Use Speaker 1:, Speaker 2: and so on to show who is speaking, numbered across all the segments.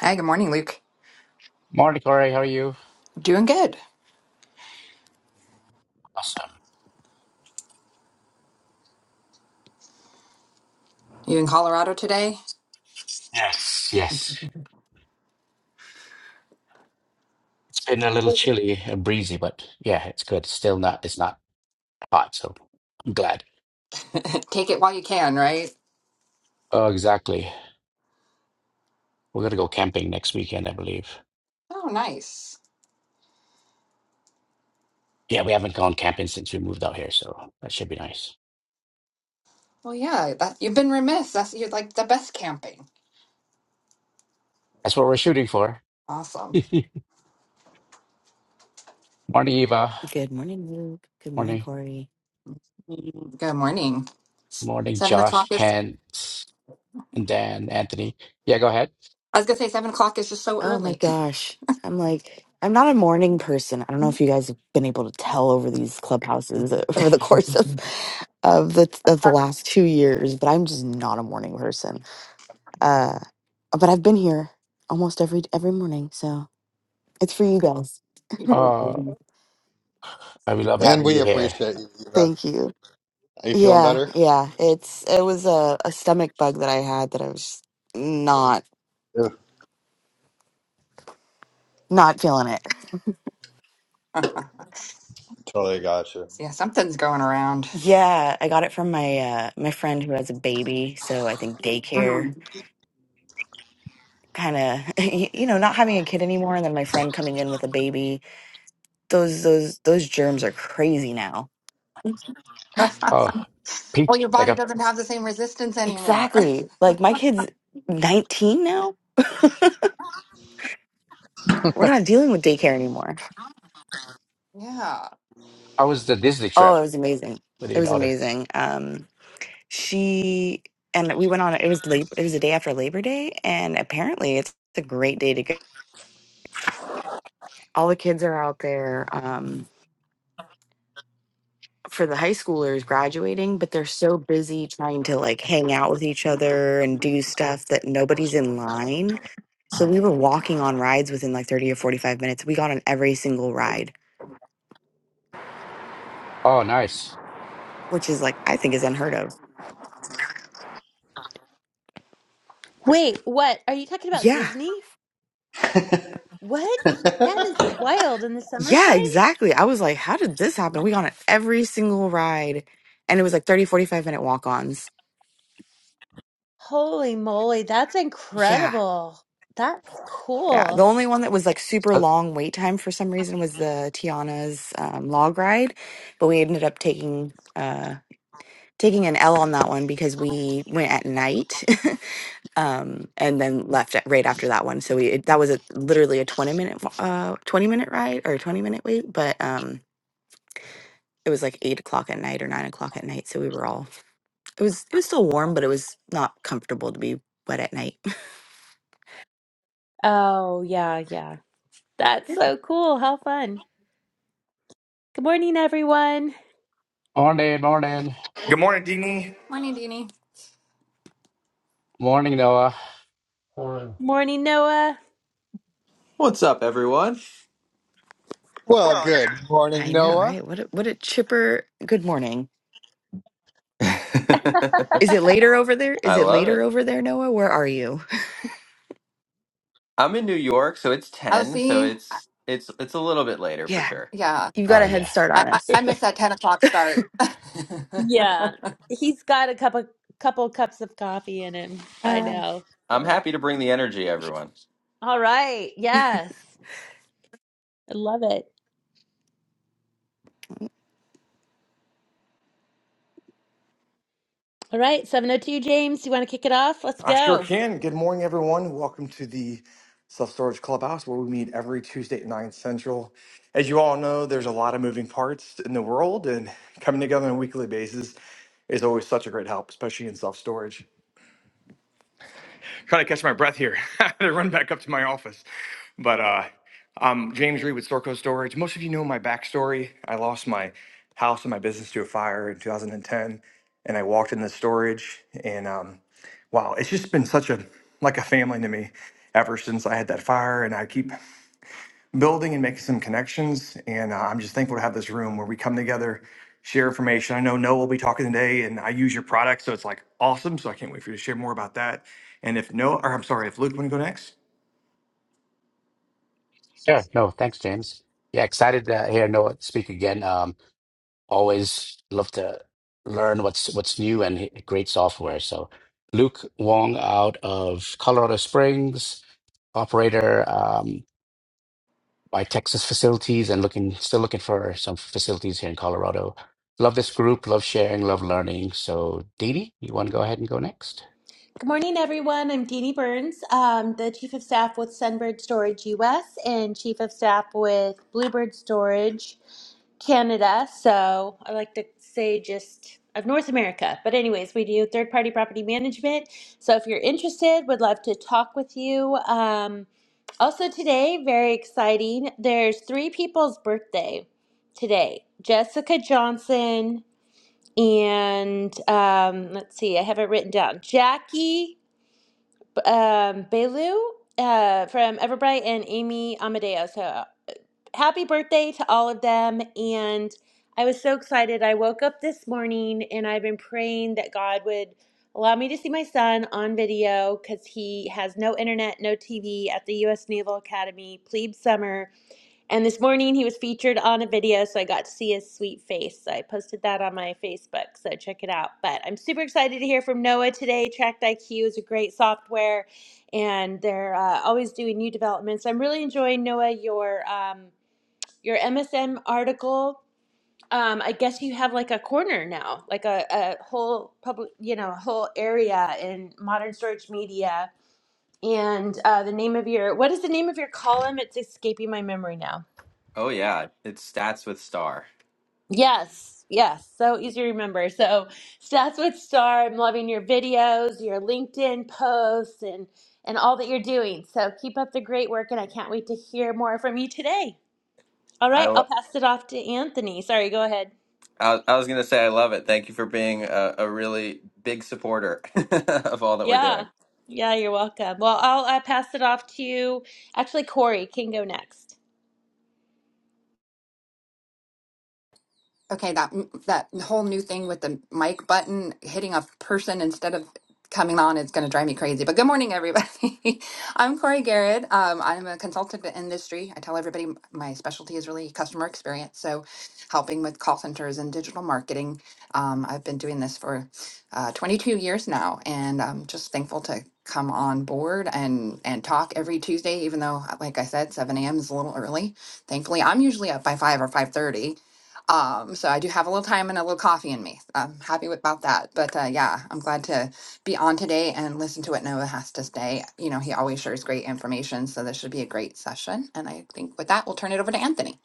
Speaker 1: Hi, good morning, Luke.
Speaker 2: Morning, Corey. How are you?
Speaker 1: Doing good.
Speaker 2: Awesome.
Speaker 1: You in Colorado today?
Speaker 2: Yes, yes. It's been a little chilly and breezy, but yeah, it's good. Still not, it's not hot, so I'm glad.
Speaker 1: Take it while you can, right?
Speaker 2: Oh, exactly. We're gonna go camping next weekend, I believe.
Speaker 1: Oh, nice.
Speaker 2: Yeah, we haven't gone camping since we moved out here, so that should be nice.
Speaker 1: Well, yeah, that, you've been remiss. That's you're like the best camping.
Speaker 2: That's what we're shooting for.
Speaker 1: Awesome.
Speaker 2: Morning, Eva.
Speaker 3: Good morning, Luke. Good morning,
Speaker 2: Morning.
Speaker 3: Corey.
Speaker 1: Mhm. Good morning.
Speaker 2: Morning,
Speaker 1: Seven
Speaker 2: Josh,
Speaker 1: o'clock is.
Speaker 2: Kent, and Dan, Anthony. Yeah, go ahead.
Speaker 1: I was gonna say seven o'clock is just so
Speaker 3: Oh my
Speaker 1: early.
Speaker 3: gosh. I'm like, I'm not a morning person. I don't know if you guys have been able to tell over these clubhouses uh, over the course of of the of the last two years, but I'm just not a morning person. Uh, but I've been here almost every every morning, so it's for you guys.
Speaker 2: Oh, I we love
Speaker 4: And
Speaker 2: having you
Speaker 4: we
Speaker 2: here.
Speaker 4: appreciate you, Eva.
Speaker 3: Thank you.
Speaker 4: Are you feeling
Speaker 3: Yeah,
Speaker 4: better?
Speaker 3: yeah. It's it was a, a stomach bug that I had that I was not
Speaker 4: Yeah,
Speaker 3: not feeling it.
Speaker 4: totally got you.
Speaker 1: yeah, something's going around.
Speaker 3: Yeah, I got it from my uh my friend who has a baby, so I think daycare
Speaker 1: Mm.
Speaker 3: kind of you know, not having a kid anymore and then my friend coming in with a baby. Those those those germs are crazy now.
Speaker 2: Oh, Pete,
Speaker 1: Well, your
Speaker 2: like,
Speaker 1: body
Speaker 2: a,
Speaker 1: doesn't have the same resistance anymore.
Speaker 3: Exactly. Like my kid's 19 now. We're not dealing with daycare anymore.
Speaker 1: yeah.
Speaker 2: how was the Disney
Speaker 3: Oh,
Speaker 2: trip
Speaker 3: it was amazing.
Speaker 2: with
Speaker 3: It
Speaker 2: your
Speaker 3: was
Speaker 2: daughter?
Speaker 3: amazing. Um she and we went on it was late it was the day after Labor Day and apparently it's a great day to go. All the kids are out there. Um for the high schoolers graduating, but they're so busy trying to like hang out with each other and do stuff that nobody's in line. So we were walking on rides within like 30 or 45 minutes. We got on every single ride,
Speaker 2: Oh, nice.
Speaker 3: which is like, I think is unheard of.
Speaker 5: Wait, what? Are you talking about
Speaker 3: Yeah.
Speaker 5: Disney? What? That is wild in the
Speaker 3: Yeah,
Speaker 5: summertime?
Speaker 3: exactly. I was like, how did this happen? We got on every single ride and it was like 30, 45 minute walk ons.
Speaker 5: Holy moly, that's
Speaker 3: Yeah.
Speaker 5: incredible. That's
Speaker 3: Yeah. The
Speaker 5: cool.
Speaker 3: only one that was like super
Speaker 2: Uh,
Speaker 3: long wait time for some reason was the Tiana's um, log ride, but we ended up taking. uh, taking an L on that one because we went at night um, and then left at, right after that one. So we it, that was a, literally a twenty minute uh, twenty minute ride or twenty minute wait, but um, it was like eight o'clock at night or nine o'clock at night. So we were all it was it was still warm, but it was not comfortable to be wet at night.
Speaker 5: Oh, yeah, yeah. That's so cool. How fun. Good morning, everyone.
Speaker 2: Morning, morning,
Speaker 6: Good morning, Dini.
Speaker 1: Morning, Deanie.
Speaker 2: morning, Noah.
Speaker 7: Morning.
Speaker 5: Morning, Noah.
Speaker 8: What's up, everyone?
Speaker 4: well, good morning,
Speaker 3: I know,
Speaker 4: Noah.
Speaker 3: right? What a, what a chipper. Good morning.
Speaker 8: I
Speaker 3: Is it later over there? Is it
Speaker 8: love
Speaker 3: later
Speaker 8: it.
Speaker 3: over there, Noah? Where are you?
Speaker 8: I'm in New York, so it's
Speaker 1: Oh,
Speaker 8: 10, so
Speaker 1: see. I-
Speaker 8: it's it's it's a little bit later for
Speaker 3: Yeah,
Speaker 8: sure.
Speaker 1: Yeah,
Speaker 3: you've got
Speaker 2: Oh,
Speaker 3: a head
Speaker 2: yeah.
Speaker 3: start
Speaker 1: I
Speaker 3: on
Speaker 1: I,
Speaker 3: us.
Speaker 1: I miss that ten o'clock start.
Speaker 5: Yeah. He's got a cup of couple cups of coffee in him by
Speaker 3: Uh,
Speaker 5: now.
Speaker 8: I'm
Speaker 5: So,
Speaker 8: happy to bring the energy, everyone.
Speaker 5: all right. Yes. I love it. All right, 702 James, you want to kick it off? Let's
Speaker 6: I sure
Speaker 5: go.
Speaker 6: can. Good morning, everyone. Welcome to the Self Storage Clubhouse, where we meet every Tuesday at 9 Central. As you all know, there's a lot of moving parts in the world, and coming together on a weekly basis is always such a great help, especially in self storage. trying to catch my breath here I had to run back up to my office. But uh, I'm James Reed with Storco Storage. Most of you know my backstory. I lost my house and my business to a fire in 2010, and ten, and I walked in the storage. And um, wow, it's just been such a like a family to me ever since I had that fire. And I keep building and making some connections. And uh, I'm just thankful to have this room where we come together, share information. I know Noah will be talking today, and I use your product, so it's like awesome. So I can't wait for you to share more about that. And if Noah, or I'm sorry, if Luke want to go next.
Speaker 2: Sure. No, thanks, James. Yeah, excited to hear Noah speak again. Um, always love to learn what's what's new and h- great software. So, Luke Wong out of Colorado Springs, operator um, by Texas facilities, and looking still looking for some facilities here in Colorado. Love this group. Love sharing. Love learning. So, Didi, you want to go ahead and go next?
Speaker 5: Good morning, everyone. I'm Deanie Burns, um, the Chief of Staff with Sunbird Storage US and Chief of Staff with Bluebird Storage Canada. So I like to say just of North America. But, anyways, we do third party property management. So if you're interested, would love to talk with you. Um, also, today, very exciting, there's three people's birthday today Jessica Johnson, and um, let's see, I have it written down Jackie um, Belu uh, from Everbright and Amy Amadeo. So happy birthday to all of them. And I was so excited. I woke up this morning and I've been praying that God would allow me to see my son on video because he has no internet, no TV at the U.S. Naval Academy, plebe summer. And this morning he was featured on a video, so I got to see his sweet face. So I posted that on my Facebook, so check it out. But I'm super excited to hear from Noah today. Tracked IQ is a great software, and they're uh, always doing new developments. I'm really enjoying Noah your um, your MSM article. Um, I guess you have like a corner now, like a, a whole public, you know, a whole area in modern storage media. And uh, the name of your what is the name of your column? It's escaping my memory now.
Speaker 8: Oh yeah, it's stats with star.
Speaker 5: Yes, yes, so easy to remember. So starts with star. I'm loving your videos, your LinkedIn posts, and and all that you're doing. So keep up the great work, and I can't wait to hear more from you today. All
Speaker 8: I
Speaker 5: right, I'll
Speaker 8: lo-
Speaker 5: pass it off to Anthony. Sorry, go ahead.
Speaker 8: I, I was gonna say I love it. Thank you for being a, a really big supporter of all that we're doing.
Speaker 5: Yeah, yeah, you're welcome. Well, I'll uh, pass it off to actually Corey can go next.
Speaker 1: Okay, that that whole new thing with the mic button hitting a person instead of coming on is going to drive me crazy. But good morning, everybody. I'm Corey Garrett. Um, I'm a consultant to industry. I tell everybody m- my specialty is really customer experience, so helping with call centers and digital marketing. Um, I've been doing this for uh, 22 years now, and I'm just thankful to come on board and and talk every Tuesday. Even though, like I said, 7 a.m. is a little early. Thankfully, I'm usually up by five or 5:30 um, so I do have a little time and a little coffee in me. I'm happy with, about that. But uh, yeah, I'm glad to be on today and listen to what Noah has to say. You know, he always shares great information, so this should be a great session. And I think with that, we'll turn it over to Anthony.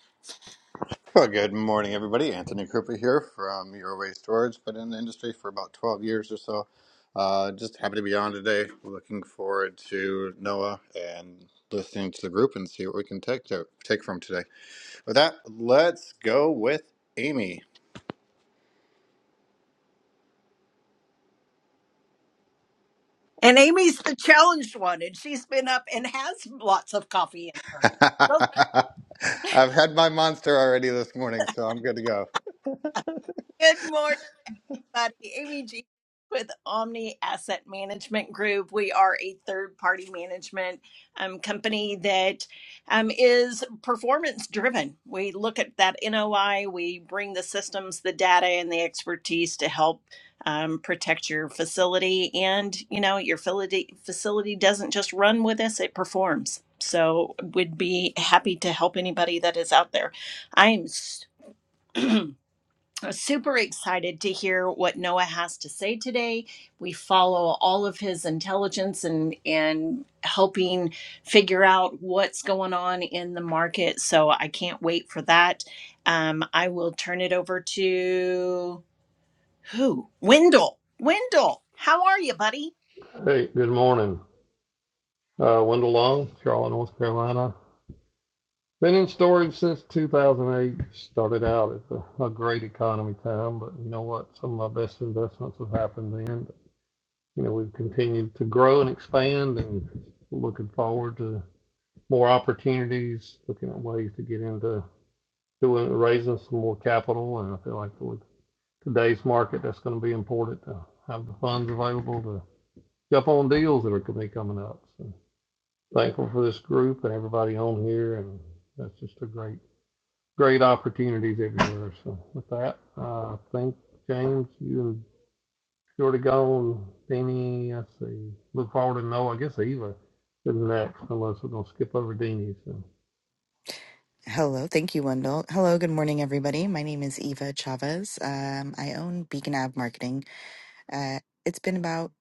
Speaker 4: Well, good morning, everybody. Anthony Krupa here from Your Waste Storage. Been in the industry for about 12 years or so. Uh, just happy to be on today. Looking forward to Noah and listening to the group and see what we can take to, take from today. With that, let's go with Amy.
Speaker 9: And Amy's the challenged one, and she's been up and has lots of coffee in her. Well,
Speaker 4: I've had my monster already this morning, so I'm good to go.
Speaker 9: Good morning. everybody. Amy with Omni Asset Management Group. We are a third party management um, company that um, is performance driven. We look at that NOI, we bring the systems, the data, and the expertise to help. Um, protect your facility and you know your facility facility doesn't just run with us it performs so we would be happy to help anybody that is out there i'm Super excited to hear what Noah has to say today. We follow all of his intelligence and and helping figure out what's going on in the market. So I can't wait for that. Um, I will turn it over to who? Wendell. Wendell, how are you, buddy?
Speaker 7: Hey, good morning. Uh, Wendell Long, Charlotte, North Carolina. Been in storage since 2008. Started out at a, a great economy time, but you know what? Some of my best investments have happened then. But, You know, we've continued to grow and expand and looking forward to more opportunities, looking at ways to get into doing, raising some more capital. And I feel like with today's market, that's going to be important to have the funds available to jump on deals that are going to be coming up. So thankful for this group and everybody on here, and that's just a great, great opportunities everywhere. So with that, uh, I think, James, you and Shorty gone, Danny, I see, look forward to know, I guess Eva is next, unless we're gonna skip over Danny, so.
Speaker 3: Hello. Thank you, Wendell. Hello. Good morning, everybody. My name is Eva Chavez. Um, I own Beacon Ave Marketing. Uh, it's been about,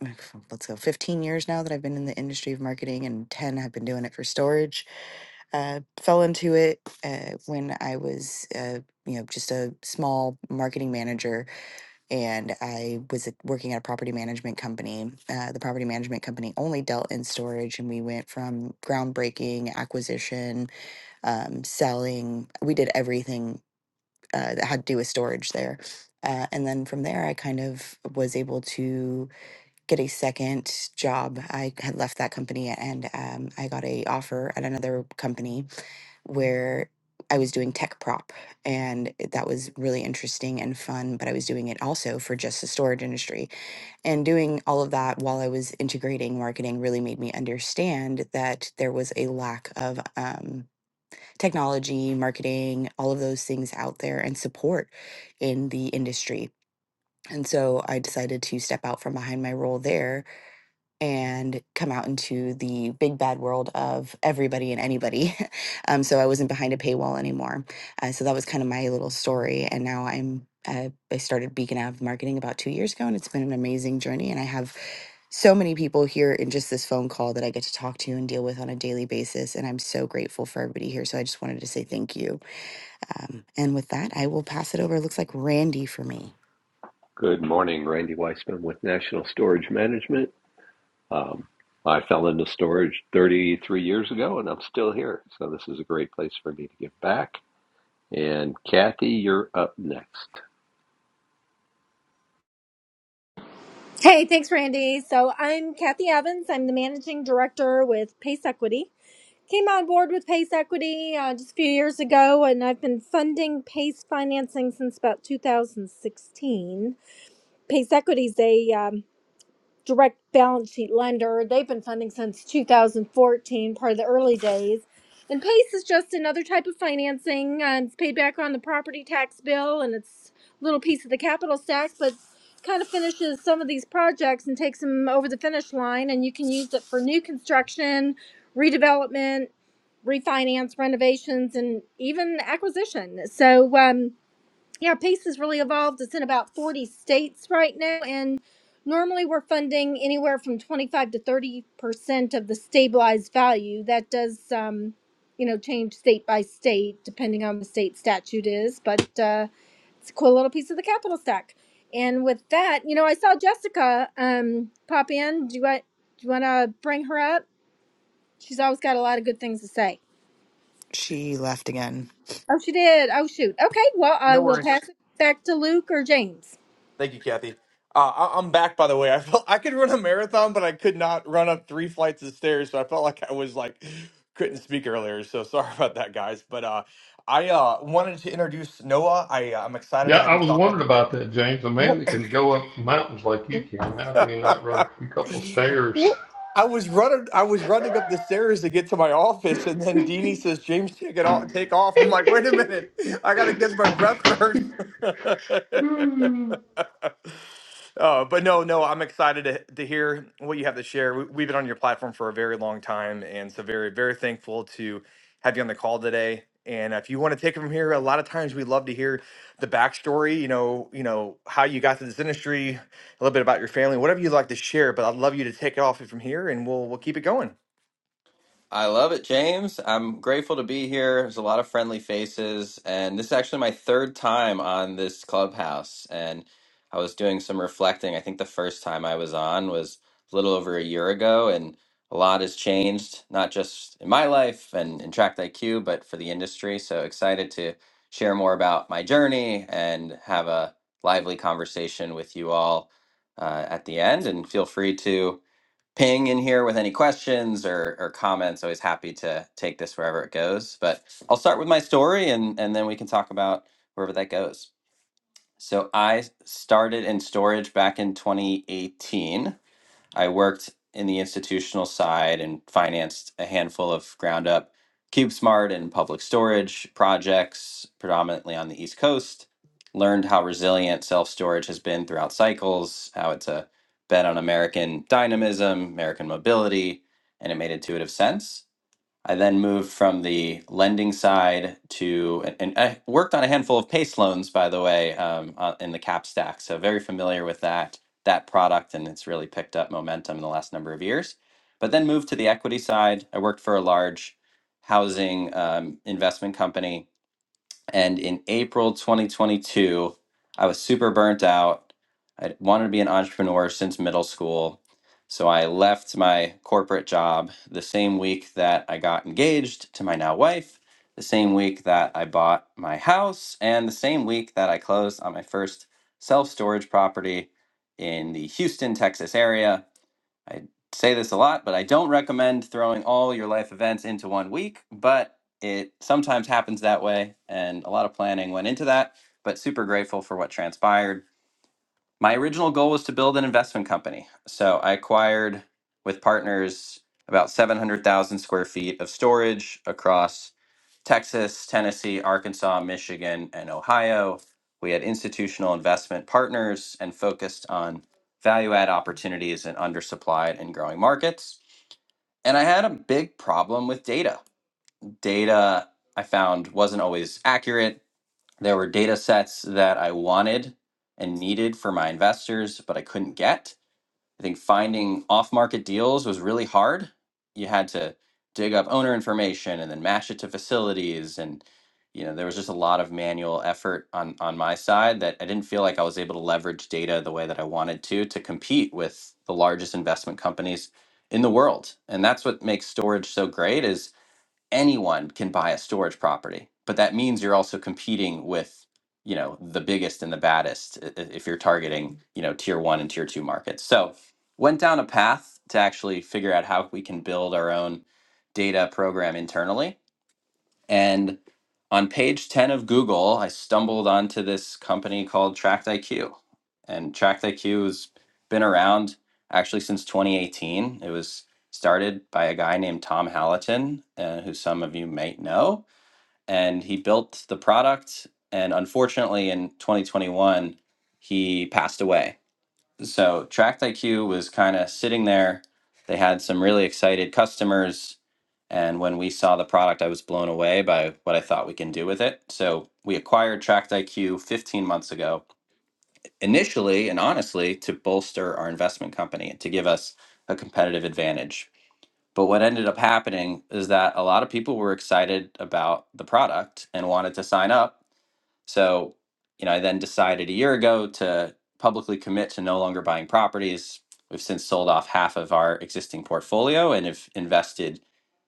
Speaker 3: let's go, 15 years now that I've been in the industry of marketing, and 10 have been doing it for storage. uh, fell into it uh, when I was, uh, you know, just a small marketing manager and I was at- working at a property management company. Uh, the property management company only dealt in storage, and we went from groundbreaking, acquisition, um, selling. We did everything uh, that had to do with storage there. Uh, and then from there, I kind of was able to get a second job. I had left that company, and um, I got a offer at another company where I was doing tech prop, and that was really interesting and fun. But I was doing it also for just the storage industry. And doing all of that while I was integrating marketing really made me understand that there was a lack of um, technology, marketing, all of those things out there, and support in the industry. And so I decided to step out from behind my role there and come out into the big bad world of everybody and anybody. um, so I wasn't behind a paywall anymore. Uh, so that was kind of my little story. And now I'm, uh, I started Beacon Ave Marketing about two years ago, and it's been an amazing journey. And I have so many people here in just this phone call that I get to talk to and deal with on a daily basis. And I'm so grateful for everybody here. So I just wanted to say thank you. Um, and with that, I will pass it over. It looks like Randy for me.
Speaker 10: Good morning, Randy Weissman with National Storage Management. Um, I fell into storage 33 years ago and I'm still here. So this is a great place for me to give back. And Kathy, you're up next.
Speaker 11: Hey, thanks, Randy. So I'm Kathy Evans. I'm the managing director with Pace Equity. Came on board with Pace Equity uh, just a few years ago, and I've been funding Pace financing since about 2016. Pace Equity is a um, direct balance sheet lender. They've been funding since 2014, part of the early days. And PACE is just another type of financing. Uh, it's paid back on the property tax bill and it's a little piece of the capital stack, but kind of finishes some of these projects and takes them over the finish line. And you can use it for new construction, redevelopment, refinance, renovations, and even acquisition. So, um, yeah, PACE has really evolved. It's in about 40 states right now. And normally we're funding anywhere from 25 to 30% of the stabilized value. That does, um, you know, change state by state depending on the state statute is, but uh, it's a cool little piece of the capital stack. And with that, you know, I saw Jessica um, pop in. Do you want, do you want to bring her up? She's always got a lot of good things to say.
Speaker 3: She left again.
Speaker 11: Oh, she did. Oh, shoot. Okay. Well, I
Speaker 6: No
Speaker 11: will
Speaker 6: worries.
Speaker 11: pass it back to Luke or James.
Speaker 6: Thank you, Kathy. Uh, I- I'm back, by the way. I felt I could run a marathon, but I could not run up three flights of stairs. So I felt like I was like couldn't speak earlier. So sorry about that, guys. But uh, I uh, wanted to introduce Noah. I uh, I'm excited
Speaker 7: Yeah,
Speaker 6: to have
Speaker 7: I
Speaker 6: you
Speaker 7: was
Speaker 6: talk on
Speaker 7: wondering about that, James, a
Speaker 6: the.
Speaker 7: man that can go up mountains like you can, how can he not run a few couple stairs?
Speaker 6: I was running. I was running up the stairs to get to my office, and then Deanie says, "James, take it off. Take off." I'm like, "Wait a minute! I gotta get my breath first." uh, but no, no, I'm excited to, to hear what you have to share. We, we've been on your platform for a very long time, and so very, very thankful to have you on the call today. And if you want to take it from here, a lot of times we love to hear the backstory. You know, you know how you got to this industry, a little bit about your family, whatever you'd like to share. But I'd love you to take it off from here, and we'll we'll keep it going.
Speaker 8: I love it, James. I'm grateful to be here. There's a lot of friendly faces, and this is actually my third time on this clubhouse. And I was doing some reflecting. I think the first time I was on was a little over a year ago, and a lot has changed, not just in my life and in Tract IQ, but for the industry. So excited to share more about my journey and have a lively conversation with you all uh, at the end. And feel free to ping in here with any questions or, or comments. Always happy to take this wherever it goes. But I'll start with my story and, and then we can talk about wherever that goes. So I started in storage back in 2018. I worked in the institutional side and financed a handful of ground up CubeSmart and public storage projects, predominantly on the East Coast. Learned how resilient self storage has been throughout cycles, how it's a bet on American dynamism, American mobility, and it made intuitive sense. I then moved from the lending side to, and and I worked on a handful of PACE loans, by the way, um, uh, in the cap stack. So very familiar with that that product, and it's really picked up momentum in the last number of years. But then moved to the equity side. I worked for a large housing um, investment company and in April 2022, I was super burnt out. I wanted to be an entrepreneur since middle school. So I left my corporate job the same week that I got engaged to my now wife, the same week that I bought my house, and the same week that I closed on my first self storage property in the Houston, Texas area. I say this a lot, but I don't recommend throwing all your life events into one week, but it sometimes happens that way, and a lot of planning went into that, but super grateful for what transpired. My original goal was to build an investment company. So I acquired with partners about 700,000 square feet of storage across Texas, Tennessee, Arkansas, Michigan, and Ohio. We had institutional investment partners and focused on value add opportunities in undersupplied and growing markets. And I had a big problem with data. Data I found wasn't always accurate. There were data sets that I wanted and needed for my investors, but I couldn't get. I think finding off market deals was really hard. You had to dig up owner information and then match it to facilities and you know there was just a lot of manual effort on on my side that I didn't feel like I was able to leverage data the way that I wanted to to compete with the largest investment companies in the world. And that's what makes storage so great is anyone can buy a storage property but that means you're also competing with you know the biggest and the baddest i- i- if you're targeting you know tier one and tier two markets so went down a path to actually figure out how we can build our own data program internally and on page 10 of Google, I stumbled onto this company called Tract IQ. And Tract IQ has been around actually since 2018. It was started by a guy named Tom Hallaton, uh, who some of you might know. And he built the product. And unfortunately, in 2021, he passed away. So Tract IQ was kind of sitting there. They had some really excited customers and when we saw the product, I was blown away by what I thought we can do with it. So we acquired Tract IQ 15 months ago, initially and honestly to bolster our investment company and to give us a competitive advantage. But what ended up happening is that a lot of people were excited about the product and wanted to sign up so, you know, I then decided a year ago to publicly commit to no longer buying properties. We've since sold off half of our existing portfolio and have invested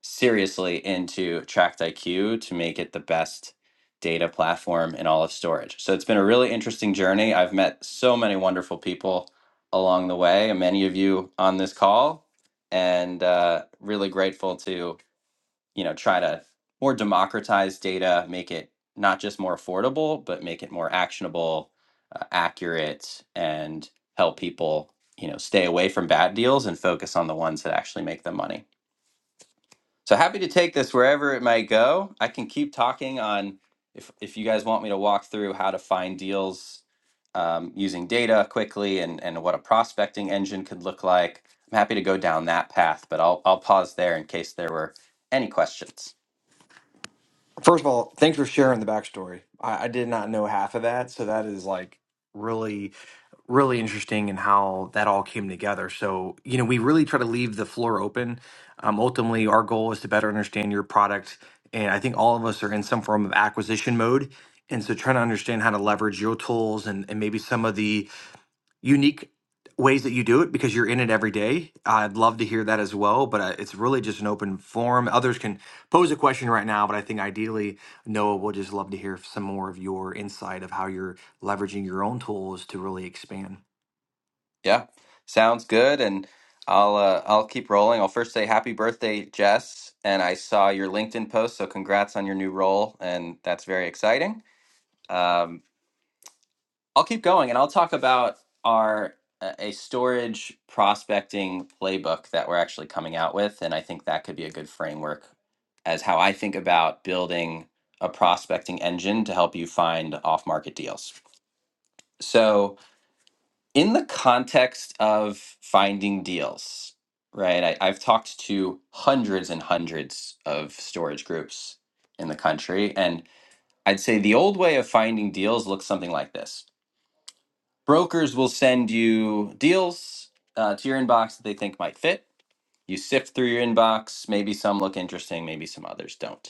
Speaker 8: seriously into Tract IQ to make it the best data platform in all of storage. So it's been a really interesting journey. I've met so many wonderful people along the way, and many of you on this call, and uh, really grateful to you know try to more democratize data make it not just more affordable but make it more actionable uh, accurate and help people you know stay away from bad deals and focus on the ones that actually make them money so happy to take this wherever it might go i can keep talking on if if you guys want me to walk through how to find deals um, using data quickly and, and what a prospecting engine could look like i'm happy to go down that path but i'll i'll pause there in case there were any questions
Speaker 6: First of all, thanks for sharing the backstory. I, I did not know half of that, so that is like really, really interesting and how that all came together. So, you know, we really try to leave the floor open. Um, ultimately, our goal is to better understand your product, and I think all of us are in some form of acquisition mode. And so, trying to understand how to leverage your tools and, and maybe some of the unique ways that you do it because you're in it every day. I'd love to hear that as well, but uh, it's really just an open forum. Others can pose a question right now, but I think ideally, Noah, we'll just love to hear some more of your insight of how you're leveraging your own tools to really expand.
Speaker 8: Yeah, sounds good. And I'll uh, I'll keep rolling. I'll first say happy birthday, Jess. And I saw your LinkedIn post, so congrats on your new role, and that's very exciting. Um, I'll keep going, and I'll talk about our uh, a storage prospecting playbook that we're actually coming out with, and I think that could be a good framework as how I think about building a prospecting engine to help you find off market deals. So. in the context of finding deals, right? I, I've talked to hundreds and hundreds of storage groups in the country, and I'd say the old way of finding deals looks something like this brokers will send you deals uh, to your inbox that they think might fit. You sift through your inbox, maybe some look interesting, maybe some others don't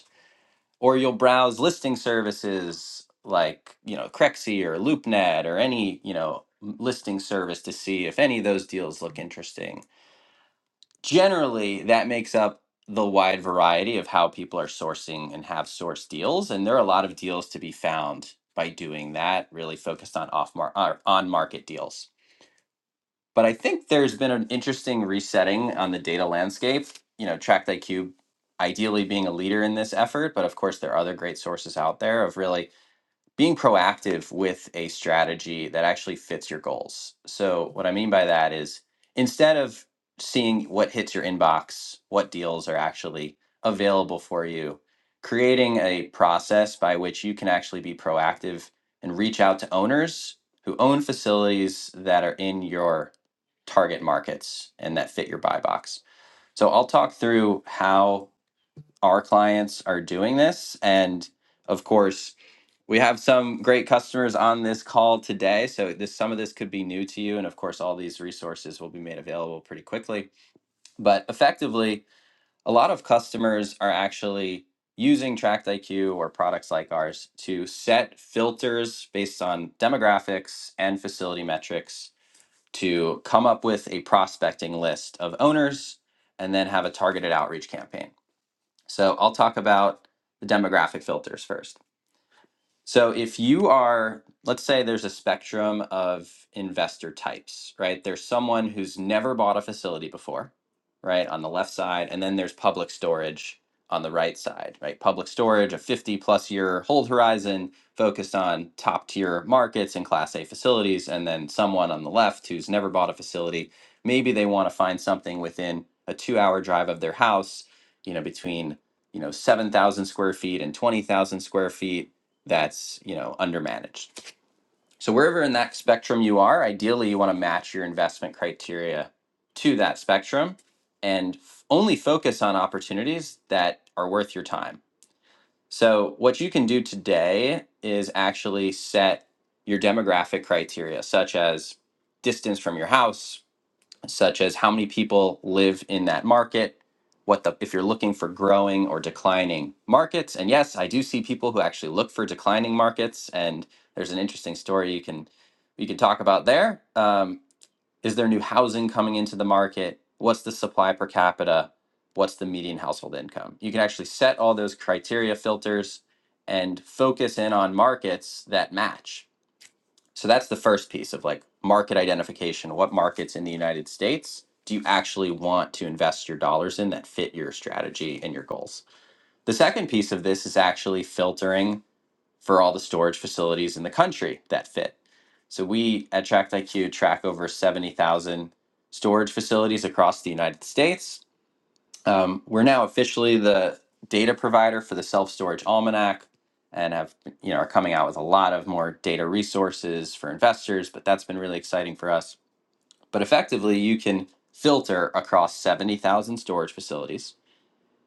Speaker 8: or you'll browse listing services like you know Crexy or LoopNet or any you know listing service to see if any of those deals look interesting. Generally, that makes up the wide variety of how people are sourcing and have sourced deals, and there are a lot of deals to be found by doing that. Really focused on off mar- on market deals. But I think there's been an interesting resetting on the data landscape. You know, TractIQ ideally being a leader in this effort, but of course there are other great sources out there of really being proactive with a strategy that actually fits your goals. So, what I mean by that is instead of seeing what hits your inbox, what deals are actually available for you, creating a process by which you can actually be proactive and reach out to owners who own facilities that are in your target markets and that fit your buy box. So, I'll talk through how our clients are doing this and of course we have some great customers on this call today, so this some of this could be new to you, and of course, all these resources will be made available pretty quickly. But effectively, a lot of customers are actually using TractIQ or products like ours to set filters based on demographics and facility metrics to come up with a prospecting list of owners and then have a targeted outreach campaign. So I'll talk about the demographic filters first. So if you are, let's say there's a spectrum of investor types, right? There's someone who's never bought a facility before, right, on the left side, and then there's public storage on the right side, right? Public storage, a 50 plus year hold horizon focused on top tier markets and class A facilities, and then someone on the left who's never bought a facility, maybe they want to find something within a 2 hour drive of their house, you know, between you know 7,000 square feet and 20,000 square feet that's you know undermanaged so wherever in that spectrum you are ideally you want to match your investment criteria to that spectrum and f- only focus on opportunities that are worth your time so what you can do today is actually set your demographic criteria such as distance from your house such as how many people live in that market what the if you're looking for growing or declining markets and yes i do see people who actually look for declining markets and there's an interesting story you can you can talk about there um, is there new housing coming into the market what's the supply per capita what's the median household income you can actually set all those criteria filters and focus in on markets that match so that's the first piece of like market identification. What markets in the United States do you actually want to invest your dollars in that fit your strategy and your goals? The second piece of this is actually filtering for all the storage facilities in the country that fit. So we at Tract IQ track over 70,000 storage facilities across the United States um, we're now officially the data provider for the Self Storage Almanac, and have you know are coming out with a lot of more data resources for investors. But that's been really exciting for us. But effectively, you can filter across seventy thousand storage facilities.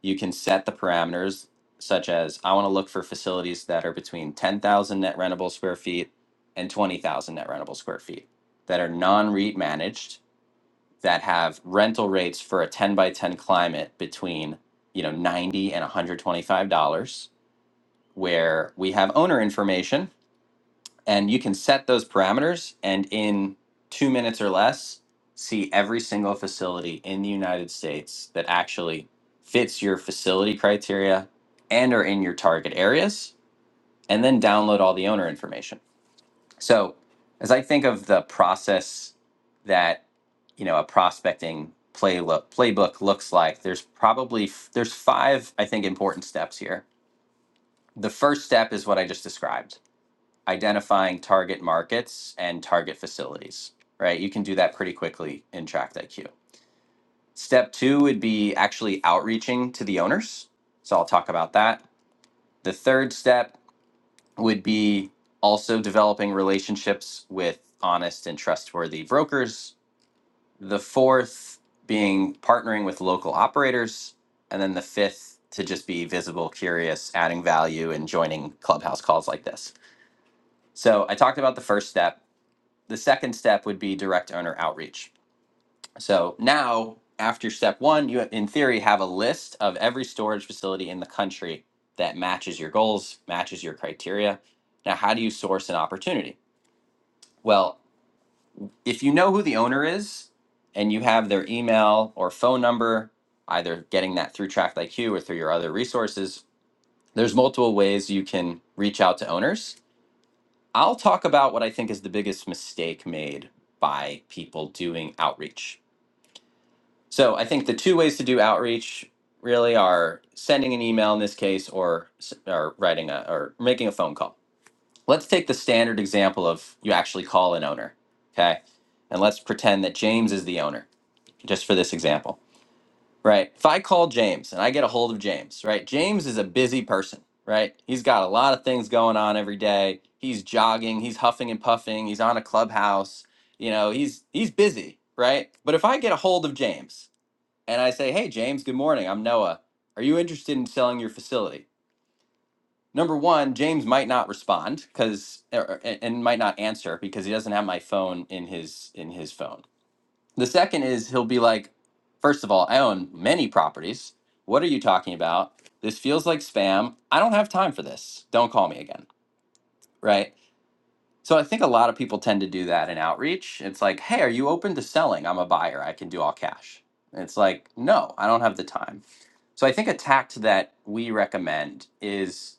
Speaker 8: You can set the parameters such as I want to look for facilities that are between ten thousand net rentable square feet and twenty thousand net rentable square feet that are non-REIT managed that have rental rates for a 10 by 10 climate between you know 90 and 125 dollars where we have owner information and you can set those parameters and in two minutes or less see every single facility in the united states that actually fits your facility criteria and are in your target areas and then download all the owner information so, as I think of the process that you know a prospecting playbook playbook looks like, there's probably f- there's five I think important steps here. The first step is what I just described, identifying target markets and target facilities. Right, you can do that pretty quickly in Tract Step two would be actually outreaching to the owners. So I'll talk about that. The third step would be also developing relationships with honest and trustworthy brokers. The fourth being partnering with local operators. And then the fifth to just be visible, curious, adding value, and joining clubhouse calls like this. So I talked about the first step. The second step would be direct owner outreach. So now, after step one, you in theory have a list of every storage facility in the country that matches your goals, matches your criteria. Now, how do you source an opportunity? Well, if you know who the owner is and you have their email or phone number, either getting that through TrackIQ or through your other resources, there's multiple ways you can reach out to owners. I'll talk about what I think is the biggest mistake made by people doing outreach. So I think the two ways to do outreach really are sending an email in this case or s- or writing a or making a phone call let's take the standard example of you actually call an owner, okay? And let's pretend that James is the owner, just for this example, right? If I call James and I get a hold of James, right? James is a busy person, right? He's got a lot of things going on every day. He's jogging, he's huffing and puffing, he's on a clubhouse, you know, he's he's busy, right? But if I get a hold of James and I say, "Hey James, good morning. I'm Noah. Are you interested in selling your facility?" number one, James might not respond because and might not answer because he doesn't have my phone in his in his phone. The second is he'll be like, first of all, I own many properties. What are you talking about? This feels like spam. I don't have time for this. Don't call me again. Right. So I think a lot of people tend to do that in outreach. It's like, hey, are you open to selling? I'm a buyer. I can do all cash. And it's like, no, I don't have the time. So I think a tact that we recommend is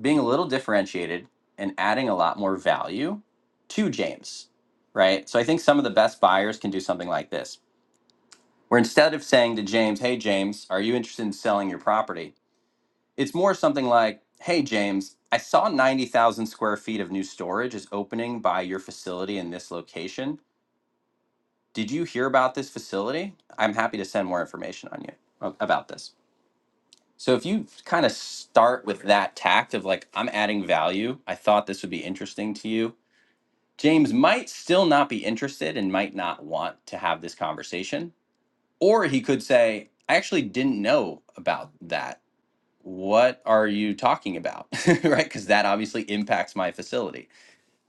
Speaker 8: being a little differentiated and adding a lot more value to James, right? So I think some of the best buyers can do something like this, where instead of saying to James, hey, James, are you interested in selling your property? It's more something like, hey, James, I saw 90,000 square feet of new storage is opening by your facility in this location. Did you hear about this facility? I'm happy to send more information on you a- about this. So if you kind of start with that tact of like, I'm adding value, I thought this would be interesting to you, James might still not be interested and might not want to have this conversation. Or he could say, I actually didn't know about that. What are you talking about? right? Because that obviously impacts my facility.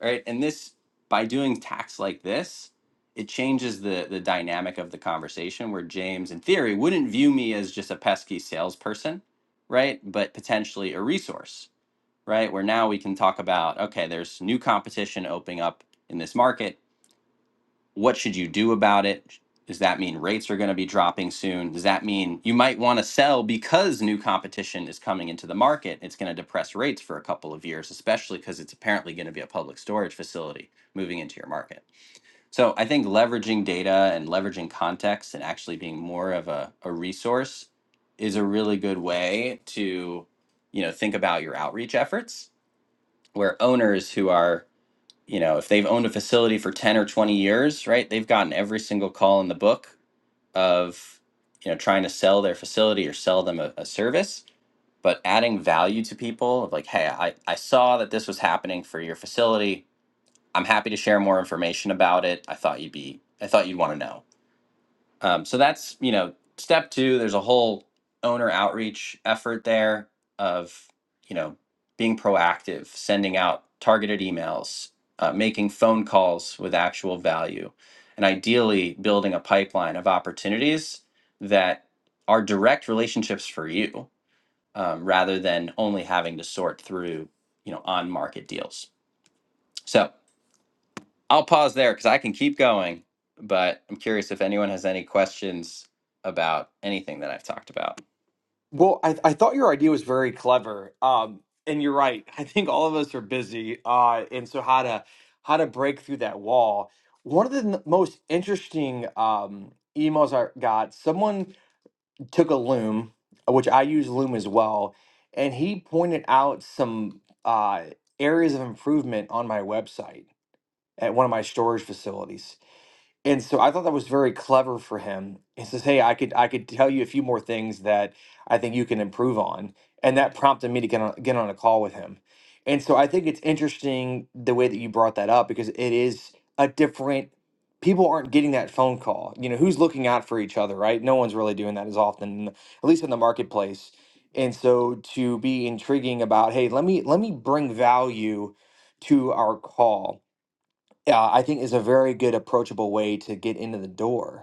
Speaker 8: Right. And this, by doing tax like this, it changes the, the dynamic of the conversation where James, in theory, wouldn't view me as just a pesky salesperson, right? But potentially a resource, right? Where now we can talk about okay, there's new competition opening up in this market what should you do about it? Does that mean rates are going to be dropping soon? Does that mean you might want to sell because new competition is coming into the market? It's going to depress rates for a couple of years, especially because it's apparently going to be a public storage facility moving into your market. So I think leveraging data and leveraging context and actually being more of a, a resource is a really good way to, you know, think about your outreach efforts where owners who are you know, if they've owned a facility for 10 or 20 years, right, they've gotten every single call in the book of, you know, trying to sell their facility or sell them a, a service, but adding value to people of like, hey, I, I saw that this was happening for your facility. I'm happy to share more information about it. I thought you'd be, I thought you'd want to know um, so that's you know step two. There's a whole owner outreach effort there of you know being proactive, sending out targeted emails, uh, making phone calls with actual value, and ideally building a pipeline of opportunities that are direct relationships for you um, rather than only having to sort through you know on market deals. So I'll pause there because I can keep going, but I'm curious if anyone has any questions about anything that I've talked about.
Speaker 6: Well, I, I thought your idea was very clever. Um, and you're right. I think all of us are busy. Uh, and so how to how to break through that wall. One of the n- most interesting um, emails I got, someone took a loom, uh, which I use loom as well, and he pointed out some uh, areas of improvement on my website at one of my storage facilities. And so I thought that was very clever for him. He says, "Hey, I could I could tell you a few more things that I think you can improve on." And that prompted me to get on get on a call with him. And so I think it's interesting the way that you brought that up because it is a different people aren't getting that phone call. You know, who's looking out for each other, right? No one's really doing that as often, at least in the marketplace. And so to be intriguing about, hey, let me let me bring value to our call yeah, I think is a very good approachable way to get into the door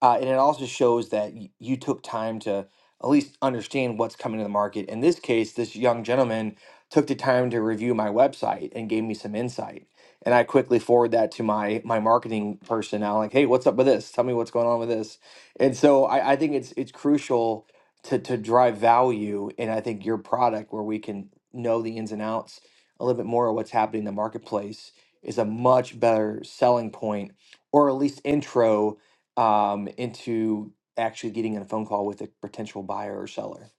Speaker 6: uh, and it also shows that y- you took time to at least understand what's coming to the market. In this case, this young gentleman took the time to review my website and gave me some insight. And I quickly forward that to my my marketing person. Now, like, hey, what's up with this? Tell me what's going on with this. And so I, I think it's it's crucial to to drive value and I think your product where we can know the ins and outs a little bit more of what's happening in the marketplace is a much better selling point or at least intro um, into actually getting on a phone call with a potential buyer or seller.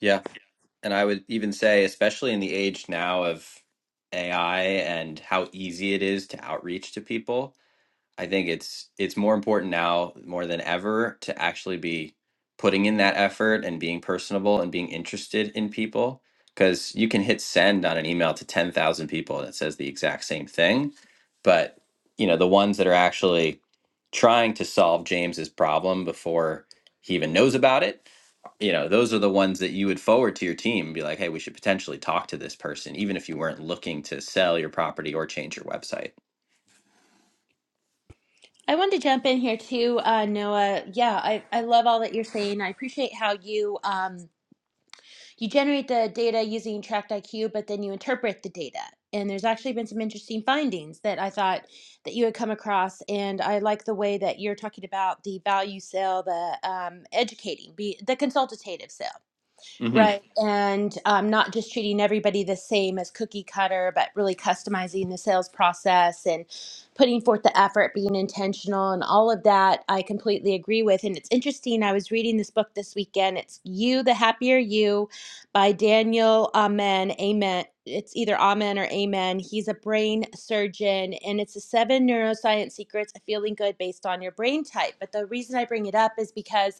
Speaker 8: Yeah. And I would even say, especially in the age now of AI and how easy it is to outreach to people, I think it's it's more important now more than ever to actually be putting in that effort and being personable and being interested in people because you can hit send on an email to 10,000 people that says the exact same thing but you know the ones that are actually trying to solve James's problem before he even knows about it you know those are the ones that you would forward to your team and be like hey we should potentially talk to this person even if you weren't looking to sell your property or change your website
Speaker 5: I wanted to jump in here too, uh, Noah. Yeah, I, I love all that you're saying. I appreciate how you. um. you generate the data using Tract IQ, but then you interpret the data. And there's actually been some interesting findings that I thought that you had come across, and I like the way that you're talking about the value sale, the um, educating, be, the consultative sale.
Speaker 8: Mhm.
Speaker 5: Right. And um, not just treating everybody the same as cookie cutter, but really customizing the sales process and putting forth the effort, being intentional, and all of that, I completely agree with. And it's interesting, I was reading this book this weekend. It's You, the Happier You by Daniel Amen. Amen. It's either Amen or Amen. He's a brain surgeon, and it's the seven neuroscience secrets of feeling good based on your brain type. But the reason I bring it up is because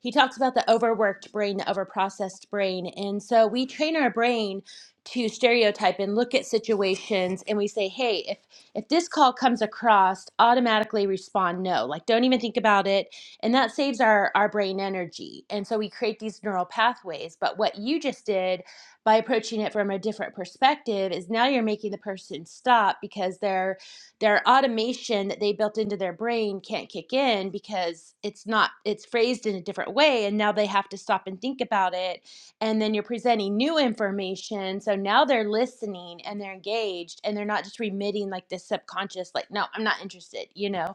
Speaker 5: he talks about the overworked brain, the overprocessed brain. And so we train our brain to stereotype and look at situations and we say, hey, if if this call comes across, automatically respond no. Like don't even think about it. And that saves our, our brain energy. And so we create these neural pathways. But what you just did by approaching it from a different perspective is now you're making the person stop because they're their automation that they built into their brain can't kick in because it's not it's phrased in a different way and now they have to stop and think about it and then you're presenting new information so now they're listening and they're engaged and they're not just remitting like this subconscious like no i'm not interested you know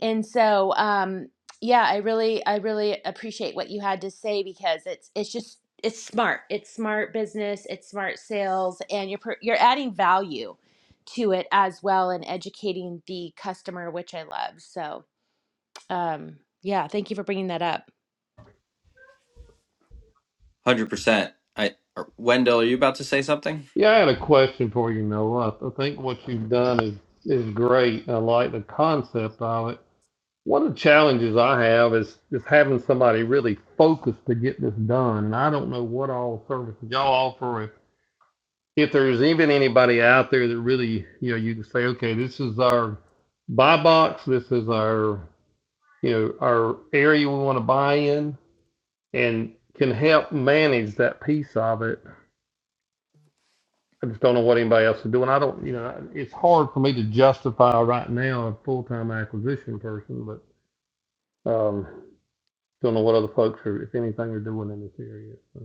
Speaker 5: and so, um, yeah, I really, I really appreciate what you had to say because it's, it's just, it's smart. It's smart business. It's smart sales, and you're per- you're adding value to it as well and educating the customer, which I love. So, um, yeah, thank you for bringing that up.
Speaker 8: one Hundred percent. I Wendell, are you about to say something?
Speaker 7: Yeah, I had a question for you, Noah. I think what you've done is is great. I like the concept of it. One of the challenges I have is just having somebody really focused to get this done. And I don't know what all services y'all offer. If, if there's even anybody out there that really, you know, you can say, okay, this is our buy box. This is our, you know, our area we want to buy in and can help manage that piece of it. I just don't know what anybody else is doing. I don't, you know, it's hard for me to justify right now a full-time acquisition person, but um, don't know what other folks are, if anything, are doing in this area. So.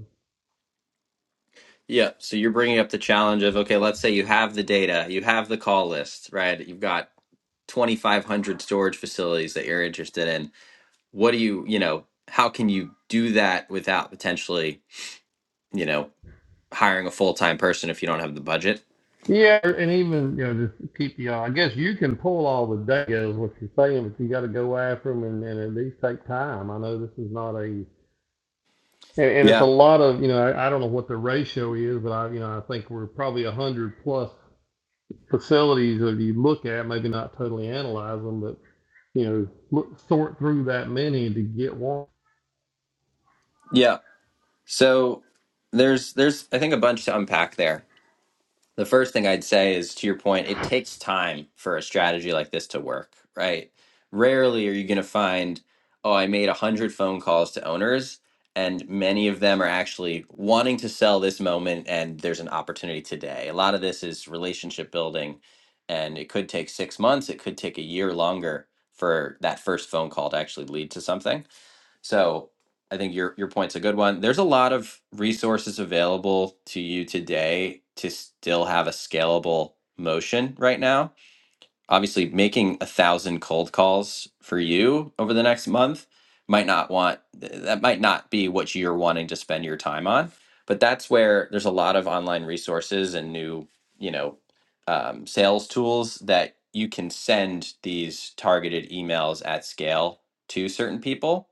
Speaker 8: Yeah. So you're bringing up the challenge of okay, let's say you have the data, you have the call list, right? You've got 2,500 storage facilities that you're interested in. What do you, you know, how can you do that without potentially, you know, hiring a full time person if you don't have the budget?
Speaker 7: Yeah, and even you know, just keep the. eye. I guess you can pull all the data, is what you're saying, but you got to go after them and, and at least take time. I know this is not a, and, and it's a
Speaker 8: Yeah.
Speaker 7: lot of you know. I, I don't know what the ratio is, but I you know I think we're probably a hundred plus facilities that you look at, maybe not totally analyze them, but you know, look, sort through that many to get one.
Speaker 8: Yeah. So there's there's I think a bunch to unpack there. The first thing I'd say is to your point, it takes time for a strategy like this to work, right? Rarely are you going to find, oh, I made 100 phone calls to owners, and many of them are actually wanting to sell this moment, and there's an opportunity today. A lot of this is relationship building, and it could take six months, it could take a year longer for that first phone call to actually lead to something so I think your your point's a good one. There's a lot of resources available to you today to still have a scalable motion right now. Obviously, making a thousand cold calls for you over the next month might not want th- that might not be what you're wanting to spend your time on. But that's where there's a lot of online resources and new, you know, um, sales tools that you can send these targeted emails at scale to certain people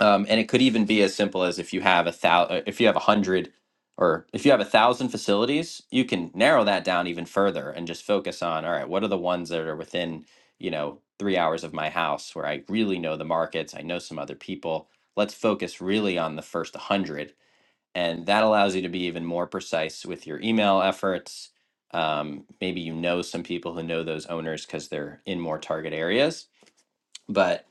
Speaker 8: um, and it could even be as simple as if you have a thousand if you have a hundred or if you have a thousand facilities you can narrow that down even further and just focus on all right what are the ones that are within you know three hours of my house where i really know the markets i know some other people let's focus really on the first 100 and that allows you to be even more precise with your email efforts um, maybe you know some people who know those owners because they're in more target areas but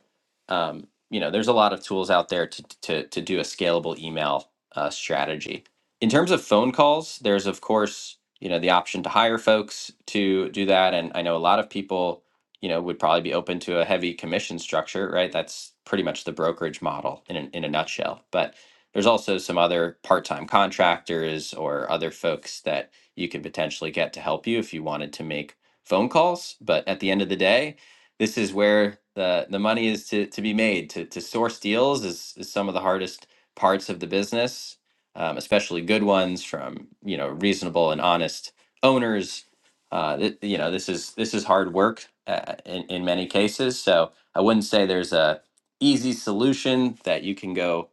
Speaker 8: um, you know there's a lot of tools out there to to to do a scalable email uh, strategy in terms of phone calls there's of course you know the option to hire folks to do that and i know a lot of people you know would probably be open to a heavy commission structure right that's pretty much the brokerage model in a, in a nutshell but there's also some other part-time contractors or other folks that you can potentially get to help you if you wanted to make phone calls but at the end of the day this is where the the money is to, to be made. To, to source deals is, is some of the hardest parts of the business, um, especially good ones from you know reasonable and honest owners. Uh, th- you know this is this is hard work uh, in in many cases. So I wouldn't say there's a easy solution that you can go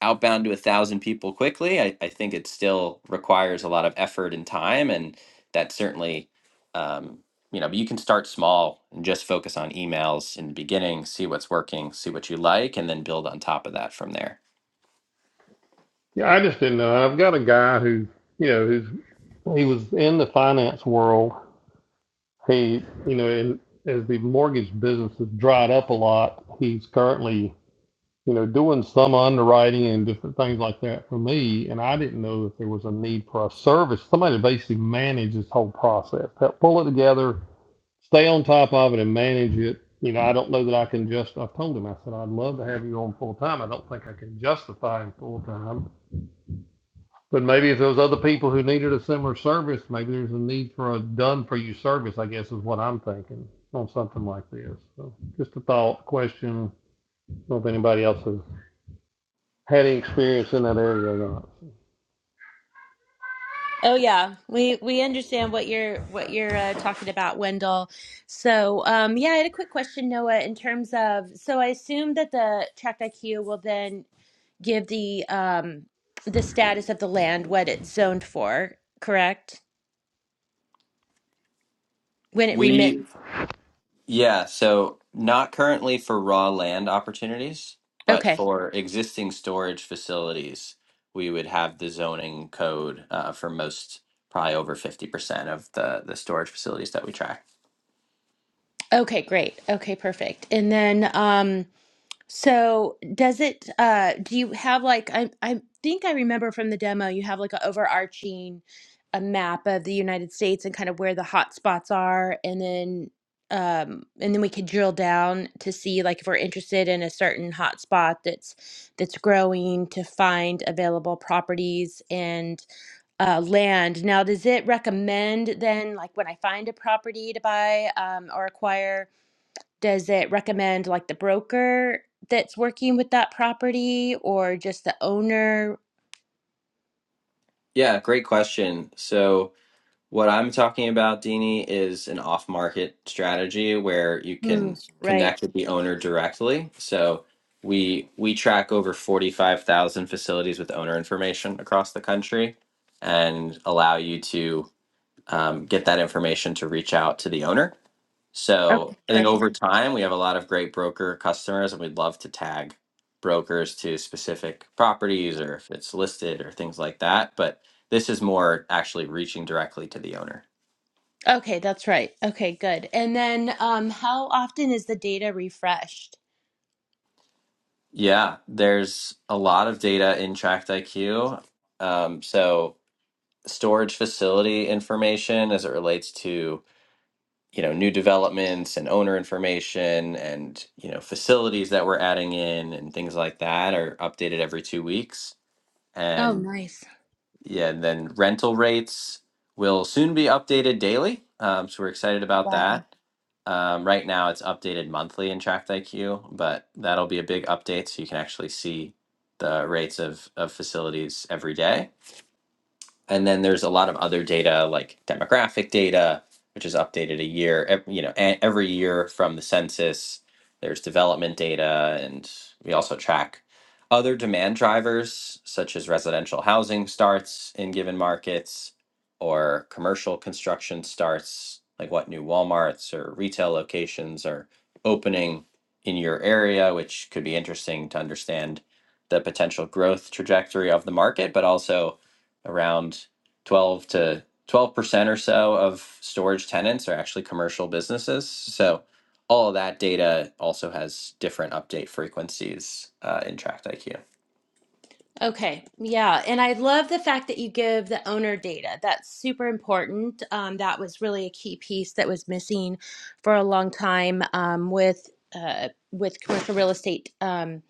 Speaker 8: outbound to a thousand people quickly. I, I think it still requires a lot of effort and time, and that certainly, um, you know, but you can start small and just focus on emails in the beginning, see what's working, see what you like, and then build on top of that from there.
Speaker 7: Yeah, I just didn't know. I've got a guy who, you know, who's he was in the finance world he, you know, and as the mortgage business has dried up a lot, he's currently, you know, doing some underwriting and different things like that for me. And I didn't know that there was a need for a service, somebody to basically manage this whole process, help pull it together, stay on top of it and manage it. You know, I don't know that I can just, I told him, I said, I'd love to have you on full time. I don't think I can justify him full time. But maybe if there was other people who needed a similar service, maybe there's a need for a done for you service, I guess is what I'm thinking on something like this. So just a thought, question. I don't know if anybody else has had any experience in that area or not.
Speaker 5: Oh yeah, we we understand what you're what you're uh, talking about, Wendell. So, um, yeah, I had a quick question, Noah, in terms of so I assume that the Tract IQ will then give the um the status of the land what it's zoned for, correct? When it remit,
Speaker 8: We, yeah, so not currently for raw land opportunities, but
Speaker 5: Okay.
Speaker 8: for existing storage facilities, we would have the zoning code uh, for most, probably over 50% of the, the storage facilities that we track.
Speaker 5: Okay, great. Okay, perfect. And then um So does it uh do you have like I I think I remember from the demo you have like an overarching a map of the United States and kind of where the hot spots are and then um and then we could drill down to see like if we're interested in a certain hot spot that's that's growing to find available properties and uh, land. Now, does it recommend then like when I find a property to buy um, or acquire? Does it recommend like the broker that's working with that property or just the owner?
Speaker 8: Yeah, great question. So, what I'm talking about, Dini, is an off market strategy where you
Speaker 5: Hmm,
Speaker 8: can
Speaker 5: right.
Speaker 8: connect with the owner directly. So, we we track over 45,000 facilities with owner information across the country and allow you to um, get that information to reach out to the owner.
Speaker 5: Okay,
Speaker 8: So I think
Speaker 5: perfect.
Speaker 8: over time, we have a lot of great broker customers, and we'd love to tag brokers to specific properties or if it's listed or things like that. But this is more actually reaching directly to the owner.
Speaker 5: Okay, that's right. Okay, good. And then um, how often is the data refreshed?
Speaker 8: Yeah, there's a lot of data in Tract IQ. Um, so storage facility information as it relates to you know new developments and owner information and you know facilities that we're adding in and things like that are updated every two weeks.
Speaker 5: Oh,
Speaker 8: And
Speaker 5: nice.
Speaker 8: Yeah, and then rental rates will soon be updated daily. Um, so we're excited about
Speaker 5: Wow.
Speaker 8: that. Um, right now, it's updated monthly in Tract IQ, but that'll be a big update so you can actually see the rates of, of facilities every day and then there's a lot of other data like demographic data which is updated a year ev- you know e- every year from the census there's development data and we also track other demand drivers such as residential housing starts in given markets or commercial construction starts like what new walmarts or retail locations are opening in your area which could be interesting to understand the potential growth trajectory of the market but also around 12 to 12% or so of storage tenants are actually commercial businesses. So all of that data also has different update frequencies uh, in Tract IQ.
Speaker 5: Okay, yeah. And I love the fact that you give the owner data. That's super important. Um, that was really a key piece that was missing for a long time um, with uh, with commercial real estate. Um,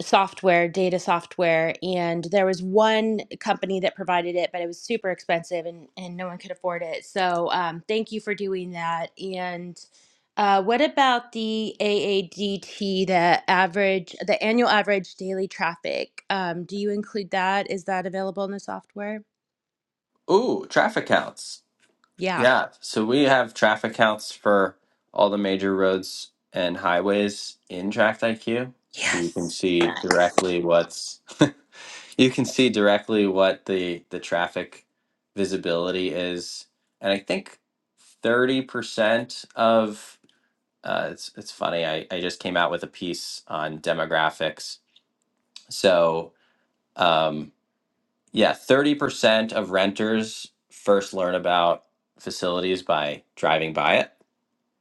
Speaker 5: software, data software, and there was one company that provided it, but it was super expensive and, and no one could afford it. So um, thank you for doing that. And uh, what about the AADT, the average, the annual average daily traffic? Um, do you include that? Is that available in the software?
Speaker 8: Ooh, traffic counts.
Speaker 5: Yeah.
Speaker 8: Yeah, so we have traffic counts for all the major roads and highways in Tracked IQ. So you can
Speaker 5: Yes.
Speaker 8: see
Speaker 5: Nice.
Speaker 8: directly what's you can see directly what the the traffic visibility is. And I think 30% of uh, it's it's funny. I, I just came out with a piece on demographics. So, um yeah, 30% of renters first learn about facilities by driving by it.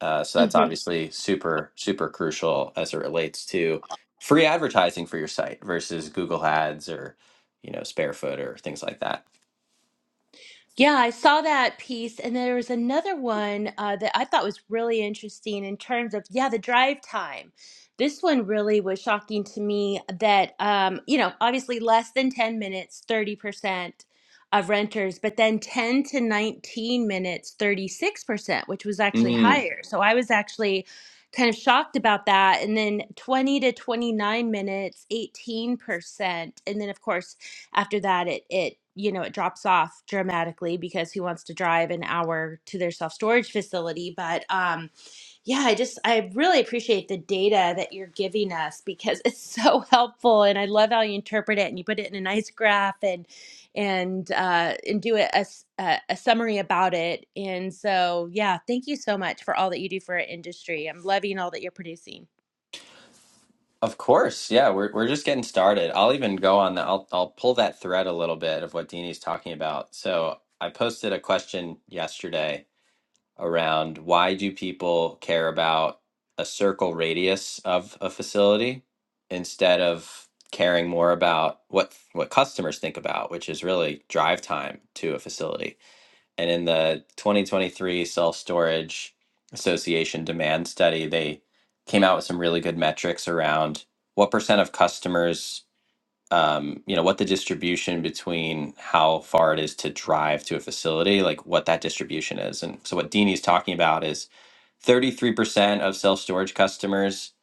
Speaker 8: Uh, so that's
Speaker 5: Mm-hmm.
Speaker 8: obviously super, super crucial as it relates to free advertising for your site versus Google ads or, you know, Sparefoot or things like that.
Speaker 5: Yeah, I saw that piece, and there was another one uh, that I thought was really interesting in terms of, yeah, the drive time. This one really was shocking to me that, um, you know, obviously less than 10 minutes, 30% of renters, but then 10 to 19 minutes, 36%, which was actually
Speaker 8: Mm.
Speaker 5: higher. So I was actually kind of shocked about that. And then 20 to 29 minutes, 18%. And then, of course, after that it it you know it drops off dramatically because who wants to drive an hour to their self storage facility but um yeah i just i really appreciate the data that you're giving us because it's so helpful and i love how you interpret it and you put it in a nice graph and and uh and do a, a s- a- a summary about it and so yeah thank you so much for all that you do for our industry i'm loving all that you're producing
Speaker 8: Of course. Yeah, we're, we're just getting started. I'll even go on the, I'll, I'll pull that thread a little bit of what Dini's talking about. So I posted a question yesterday around why do people care about a circle radius of a facility instead of caring more about what what customers think about which is really drive time to a facility and in the 2023 self storage association demand study they came out with some really good metrics around what percent of customers um, you know, what the distribution between how far it is to drive to a facility, like what that distribution is. And so what Deanie's talking about is 33% of self-storage customers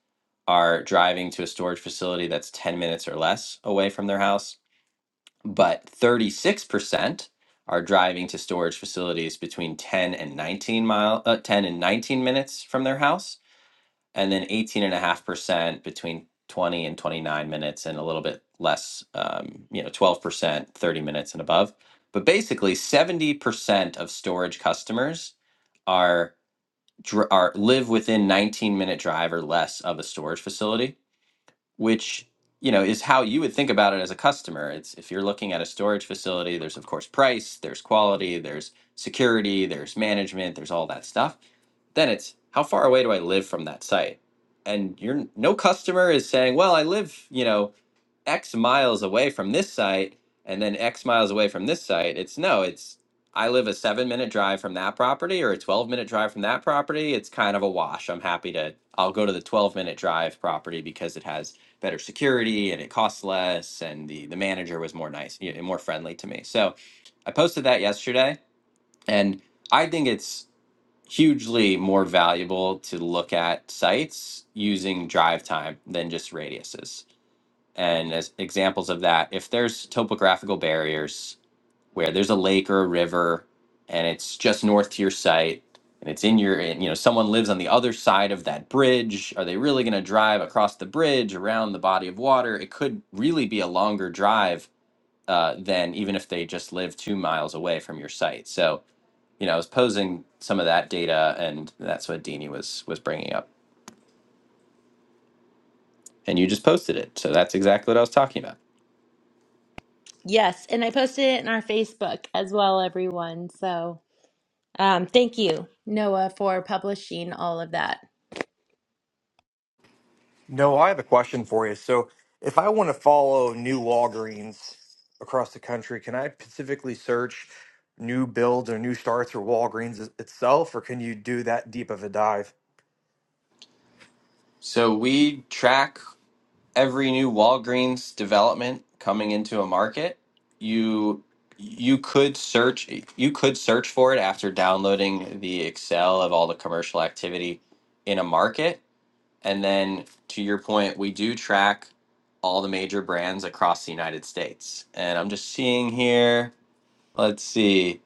Speaker 8: are driving to a storage facility that's 10 minutes or less away from their house, but 36% are driving to storage facilities between 10 and 19 mile uh, 10 and 19 minutes from their house and then 18.5% between 20 and 29 minutes and a little bit less um, you know 12% 30 minutes and above but basically 70% of storage customers are dr- are live within 19 minute drive or less of a storage facility which you know is how you would think about it as a customer it's if you're looking at a storage facility there's of course price there's quality there's security there's management there's all that stuff then it's how far away do I live from that site? And you're no customer is saying, well, I live, you know, X miles away from this site and then X miles away from this site. It's no, it's I live a seven minute drive from that property or a 12 minute drive from that property. It's kind of a wash. I'm happy to, I'll go to the 12 minute drive property because it has better security and it costs less. And the, the manager was more nice and more friendly to me. So I posted that yesterday and I think it's hugely more valuable to look at sites using drive time than just radiuses. And as examples of that, if there's topographical barriers where there's a lake or a river and it's just north to your site and it's in your, and, you know, someone lives on the other side of that bridge, are they really going to drive across the bridge around the body of water? It could really be a longer drive uh, than even if they just live two miles away from your site. So, you know, I was posing some of that data, and that's what Dini was was bringing up, and you just posted it. So that's exactly what I was talking about.
Speaker 5: yes and i posted it in our facebook as well everyone so Um, thank you. Noah, for publishing all of that.
Speaker 6: No, I have a question for you. So, if I want to follow new Walgreens across the country, can I specifically search new builds or new starts or Walgreens i- itself, or can you do that deep of a dive?
Speaker 8: So we track every new Walgreens development coming into a market. You you could search you could search for it after downloading the Excel of all the commercial activity in a market, and then to your point, we do track all the major brands across the United States. And I'm just seeing here. Let's see.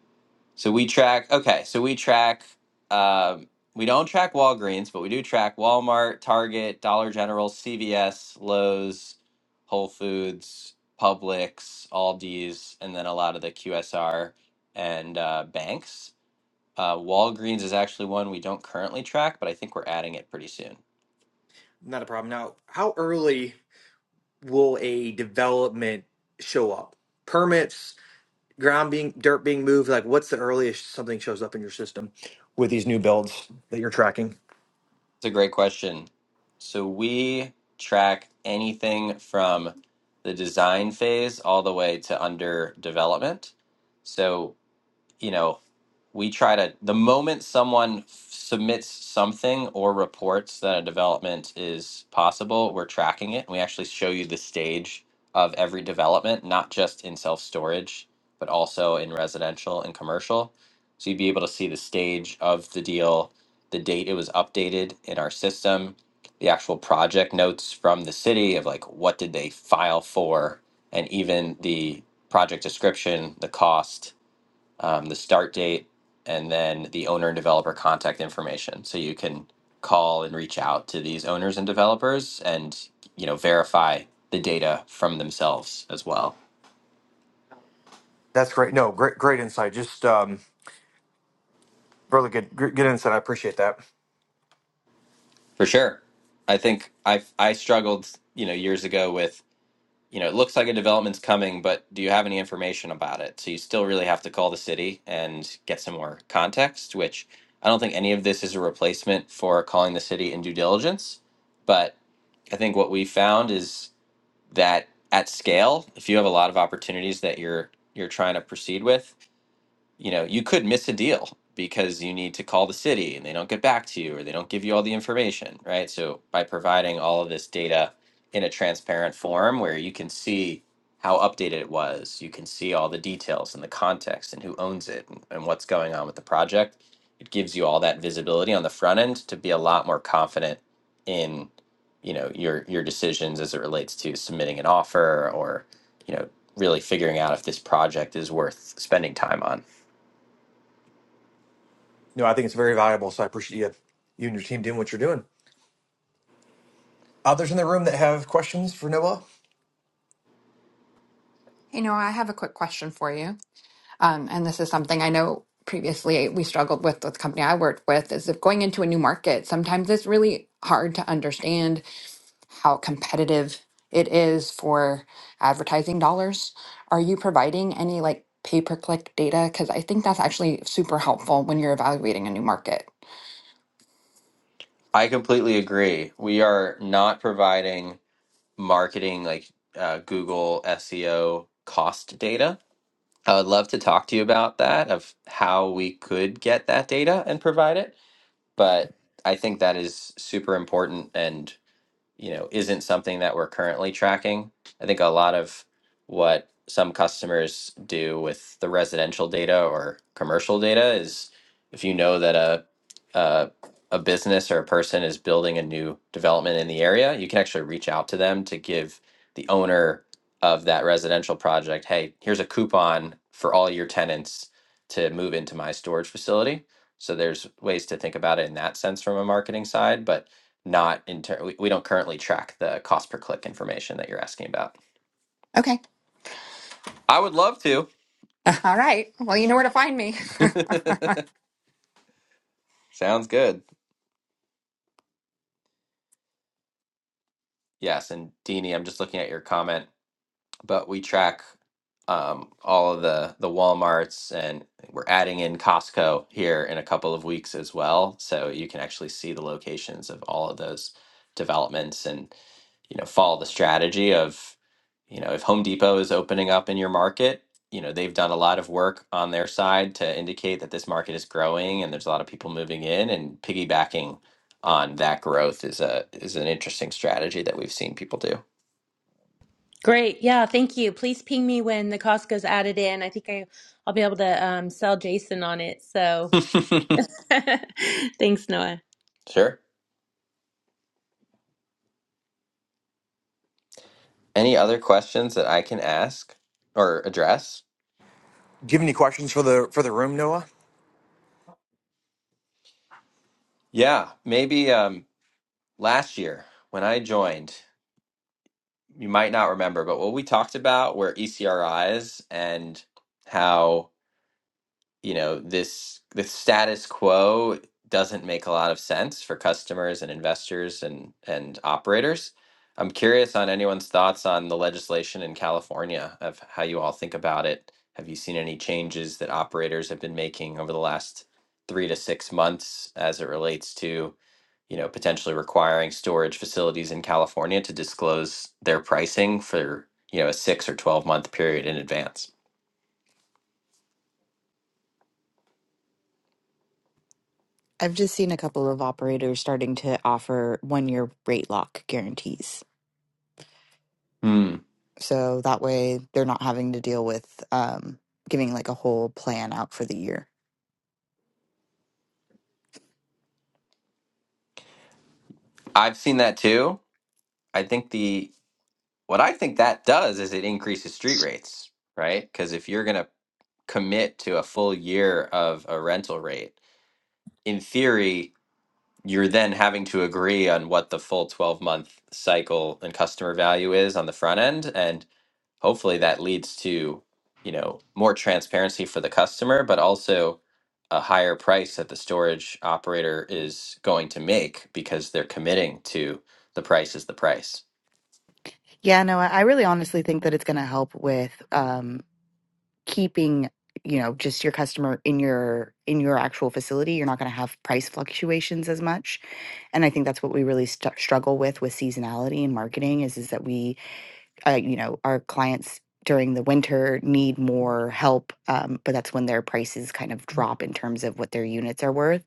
Speaker 8: So we track. Okay, so we track. Um, we don't track Walgreens, but we do track Walmart, Target, Dollar General, CVS, Lowe's, Whole Foods, Publix, Aldi's, and then a lot of the QSR and uh, banks. Uh, Walgreens is actually one we don't currently track, but I think we're adding it pretty soon.
Speaker 6: Not a problem. Now, how early will a development show up? Permits, ground being, dirt being moved? Like, what's the earliest something shows up in your system with these new builds that you're tracking?
Speaker 8: It's a great question. So we track anything from the design phase all the way to under development. So you know, we try to, the moment someone submits something or reports that a development is possible, we're tracking it. And we actually show you the stage of every development, not just in self storage, but also in residential and commercial. So you'd be able to see the stage of the deal, the date it was updated in our system, the actual project notes from the city of like what did they file for, and even the project description, the cost, um, the start date, and then the owner and developer contact information. So you can call and reach out to these owners and developers, and you know verify the data from themselves as well.
Speaker 6: That's great. No, great, great insight. Just um, really good, gr- good insight. I appreciate that.
Speaker 8: For sure, I think I I struggled you know years ago with you know it looks like a development's coming, but do you have any information about it? So you still really have to call the city and get some more context, which I don't think any of this is a replacement for calling the city in due diligence, but I think what we found is that at scale, if you have a lot of opportunities that you're you're trying to proceed with, you know, you could miss a deal because you need to call the city and they don't get back to you or they don't give you all the information, right? So by providing all of this data in a transparent form where you can see how updated it was, you can see all the details and the context and who owns it and, and what's going on with the project. It gives you all that visibility on the front end to be a lot more confident in, you know, your your decisions as it relates to submitting an offer or, you know, really figuring out if this project is worth spending time on.
Speaker 6: No, I think it's very valuable. So I appreciate you, you and your team doing what you're doing. Others in the room that have questions for Noah?
Speaker 1: Hey Noah, I have a quick question for you. Um, and this is something I know previously we struggled with with the company I worked with is if going into a new market, sometimes it's really hard to understand how competitive it is for advertising dollars. Are you providing any like pay per click data? Because I think that's actually super helpful when you're evaluating a new market.
Speaker 8: I completely agree. We are not providing marketing like uh, Google SEO cost data. I would love to talk to you about that, of how we could get that data and provide it. But I think that is super important. and you know, isn't something that we're currently tracking. I think a lot of what some customers do with the residential data or commercial data is if you know that a a, a business or a person is building a new development in the area, you can actually reach out to them to give the owner of that residential project, hey, here's a coupon for all your tenants to move into my storage facility. So there's ways to think about it in that sense from a marketing side, but not in turn we, we don't currently track the cost per click information that you're asking about
Speaker 1: Okay.
Speaker 8: i would love to
Speaker 1: All right. Well, you know where to find me.
Speaker 8: sounds good yes and Deanie, i'm just looking at your comment but we track um, all of the the walmarts and we're adding in costco here in a couple of weeks as well so you can actually see the locations of all of those developments and. you know follow the strategy of you know if Home Depot is opening up in your market, you know they've done a lot of work on their side to indicate that this market is growing and there's a lot of people moving in and piggybacking on that growth is a is an interesting strategy that we've seen people
Speaker 5: Great. Yeah, thank you. Please ping me when the Costco's added in. I think I, I'll be able to um, sell Jason on it. So
Speaker 8: do.
Speaker 5: thanks, Noah.
Speaker 8: sure. Any other questions that I can ask or address?
Speaker 6: Do you have any questions for the for the room, Noah?
Speaker 8: Yeah, maybe um last year when I joined, you might not remember, but what we talked about were ECRIs and how you know this the status quo doesn't make a lot of sense for customers and investors and and operators i'm curious on anyone's thoughts on the legislation in california of how you all think about it have you seen any changes that operators have been making over the last three to six months as it relates to you know potentially requiring storage facilities in california to disclose their pricing for you know a six or 12 month period in advance
Speaker 3: I've just seen a couple of operators starting to offer one year rate lock guarantees.
Speaker 8: hmm
Speaker 3: So that way they're not having to deal with um, giving like a whole plan out for the year.
Speaker 8: i've seen that too I think the what I think that does is it increases street rates, right? Because if you're going to commit to a full year of a rental rate, in theory, you're then having to agree on what the full 12 month cycle and customer value is on the front end and hopefully that leads to, you know, more transparency for the customer but also a higher price that the storage operator is going to make because they're committing to the price is the price.
Speaker 3: Yeah, no, I I really honestly think that it's going to help with um, keeping you know just your customer in your in your actual facility you're not going to have price fluctuations as much and i think that's what we really st- struggle with with seasonality and marketing is is that we uh, you know, our clients during the winter need more help, um, but that's when their prices kind of drop in terms of what their units are worth.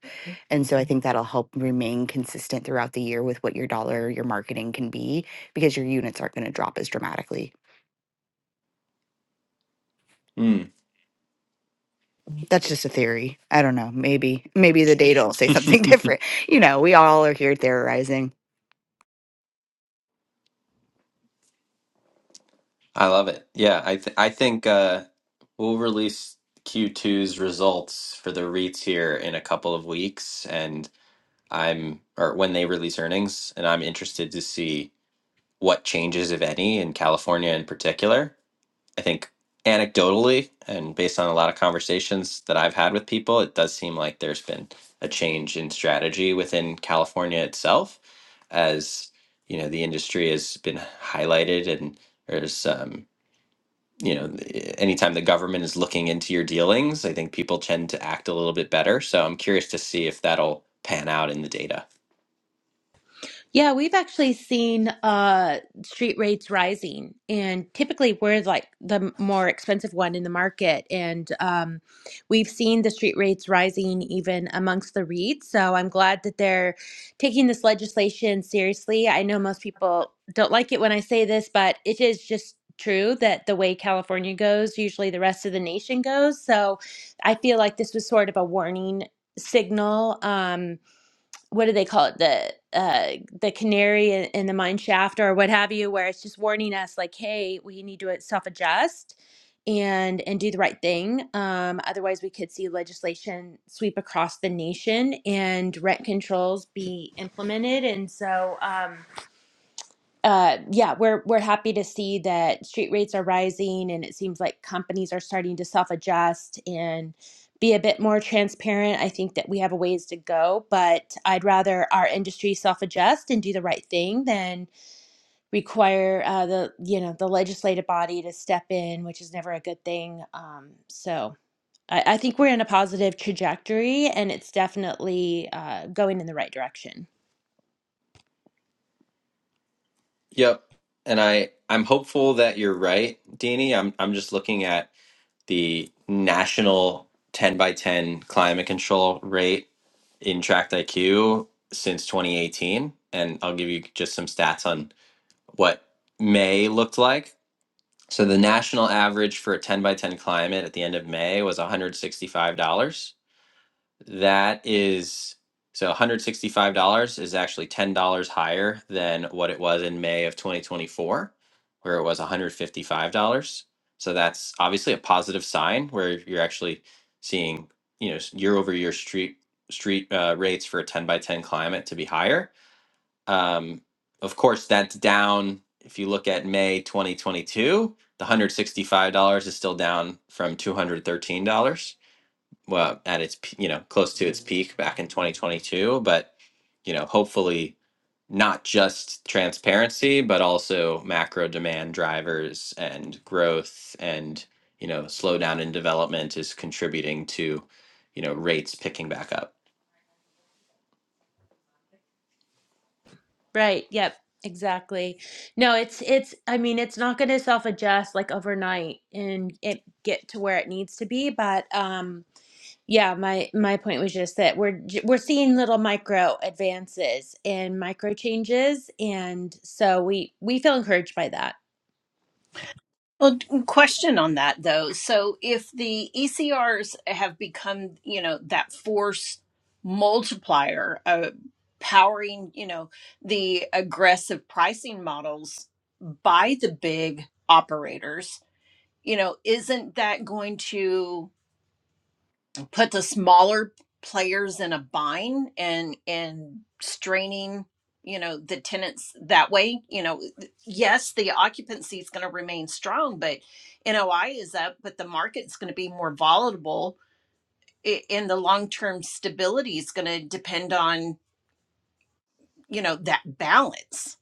Speaker 3: And so I think that'll help remain consistent throughout the year with what your dollar, your marketing can be, because your units aren't going to drop as dramatically.
Speaker 8: Mm.
Speaker 3: That's just a theory. I don't know. Maybe, maybe the data will say something different. You know, we all are here theorizing.
Speaker 8: I love it. Yeah, I th I think uh, we'll release q two's results for the REITs here in a couple of weeks, and I'm or when they release earnings, and I'm interested to see what changes, if any, in California in particular. I think anecdotally and based on a lot of conversations that I've had with people, it does seem like there's been a change in strategy within California itself, as you know, the industry has been highlighted and there's um, you know, anytime the government is looking into your dealings, I think people tend to act a little bit better. So I'm curious to see if that'll pan out in the data.
Speaker 5: Yeah, we've actually seen uh street rates rising, and typically we're like the m- more expensive one in the market, and um, we've seen the street rates rising even amongst the REITs. So I'm glad that they're taking this legislation seriously. I know most people don't like it when I say this, but it is just true that the way California goes, usually the rest of the nation goes. So I feel like this was sort of a warning signal. Um, what do they call it the uh the canary in, in the mine shaft or what have you where it's just warning us like hey we need to self adjust and and do the right thing um otherwise we could see legislation sweep across the nation and rent controls be implemented and so um uh, yeah, we're we're happy to see that street rates are rising, and it seems like companies are starting to self-adjust and be a bit more transparent. I think that we have a ways to go, but I'd rather our industry self-adjust and do the right thing than require uh, the you know the legislative body to step in, which is never a good thing. Um, so I, I think we're in a positive trajectory, and it's definitely uh, going in the right direction.
Speaker 8: Yep. And I I'm hopeful that you're right, Deanie. I'm I'm just looking at the national 10 by 10 climate control rate in Tract IQ since 2018 and I'll give you just some stats on what May looked like So the national average for a 10 by 10 climate at the end of May was $165. That is so $165 is actually $10 higher than what it was in May of 2024 where it was $155. So that's obviously a positive sign where you're actually seeing, you know, year over year street street uh, rates for a 10 by 10 climate to be higher um, of course, that's down. If you look at May 2022, the $165 is still down from $213. Well, at its p- you know close to its peak back in 2022, but you know hopefully not just transparency, but also macro demand drivers and growth and you know slowdown in development is contributing to you know rates picking back up.
Speaker 5: Right. Yep. Exactly. No, it's it's I mean, it's not going to self-adjust like overnight and it get to where it needs to be, but um yeah, my my point was just that we're j- we're seeing little micro advances and micro changes and so we we feel encouraged by that.
Speaker 9: Well, d- mm, question on that though. So if the ECRs have become, you know, that force multiplier, uh, powering, you know, the aggressive pricing models by the big operators, you know, isn't that going to put the smaller players in a bind and and straining you know the tenants that way you know yes the occupancy is going to remain strong but NOI is up but the market's going to be more volatile a- and the long-term stability is going to depend on you know that balance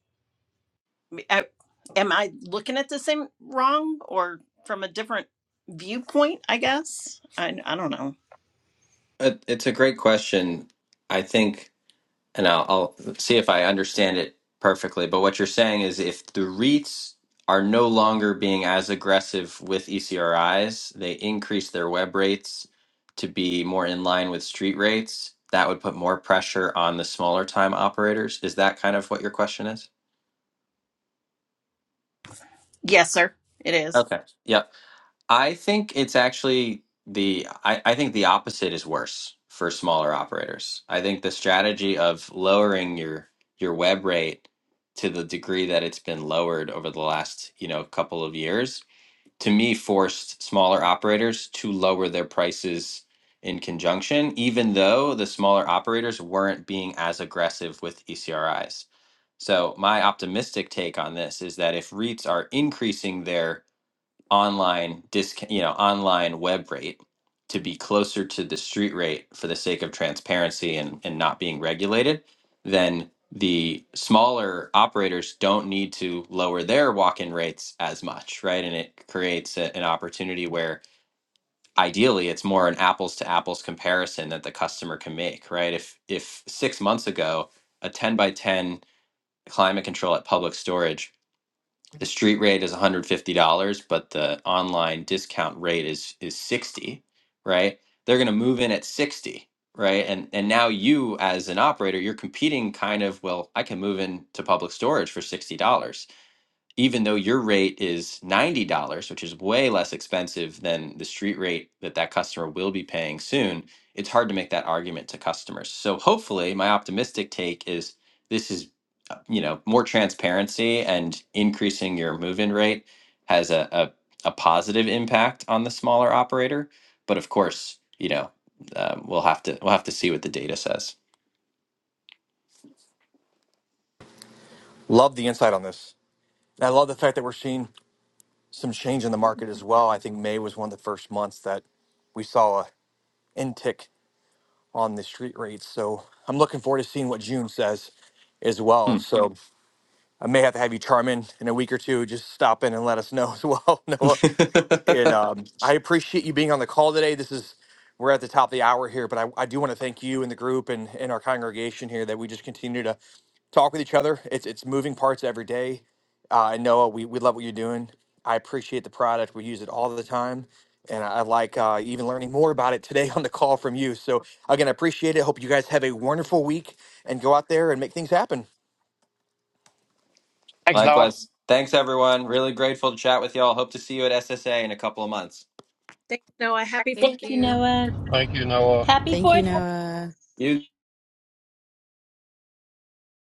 Speaker 9: I- am i looking at the same wrong or from a different viewpoint i guess i i don't know
Speaker 8: It, it's a great question. I think and I'll, I'll see if I understand it perfectly. But what you're saying is if the REITs are no longer being as aggressive with ECRIs, they increase their web rates to be more in line with street rates. That would put more pressure on the smaller time operators. Is that kind of what your question is?
Speaker 9: yes sir it is
Speaker 8: Okay. Yep. I think it's actually the I, I think the opposite is worse for smaller operators. I think the strategy of lowering your your web rate to the degree that it's been lowered over the last, you know, couple of years, to me forced smaller operators to lower their prices in conjunction, even though the smaller operators weren't being as aggressive with ECRIs. So my optimistic take on this is that if REITs are increasing their online disc, you know, online web rate to be closer to the street rate for the sake of transparency and, and not being regulated, then the smaller operators don't need to lower their walk-in rates as much, right? And it creates a- an opportunity where ideally it's more an apples to apples comparison that the customer can make, right? If if six months ago a 10 by 10 climate control at public storage the street rate is $150, but the online discount rate is is 60, right? They're going to move in at 60, right? And and now you as an operator, you're competing kind of, well, I can move into public storage for $60. even though your rate is $90, which is way less expensive than the street rate that that customer will be paying soon, it's hard to make that argument to customers. So hopefully, my optimistic take is this is uh, you know, more transparency and increasing your move-in rate has a, a a positive impact on the smaller operator, but of course, you know, um, we'll have to we'll have to see what the data says.
Speaker 6: Love the insight on this. And I love the fact that we're seeing some change in the market as well. I think May was one of the first months that we saw a intick on the street rates. So I'm looking forward to seeing what June says as
Speaker 8: Hmm.
Speaker 6: well. So I may have to have you charm in in a week or two. Just stop in and let us know as well, Noah. and um, I appreciate you being on the call today. This is we're at the top of the hour here, but I, I do want to thank you and the group and, and our congregation here that we just continue to talk with each other. It's it's moving parts every day. Uh, and Noah, we, we love what you're doing. I appreciate the product. We use it all the time. And I I like uh, even learning more about it today on the call from you. So, again, I appreciate it. Hope you guys have a wonderful week and go out there and make things happen.
Speaker 2: Thanks, Noah.
Speaker 8: Likewise. Thanks, everyone. Really grateful to chat with y'all. Hope to see you at SSA in a couple of months.
Speaker 9: Thanks, Noah. Happy Fourth.
Speaker 5: Thank
Speaker 1: Thank
Speaker 5: you,
Speaker 1: you.
Speaker 5: Noah.
Speaker 7: Thank you, Noah.
Speaker 5: Happy
Speaker 3: Thank
Speaker 5: 4th
Speaker 8: You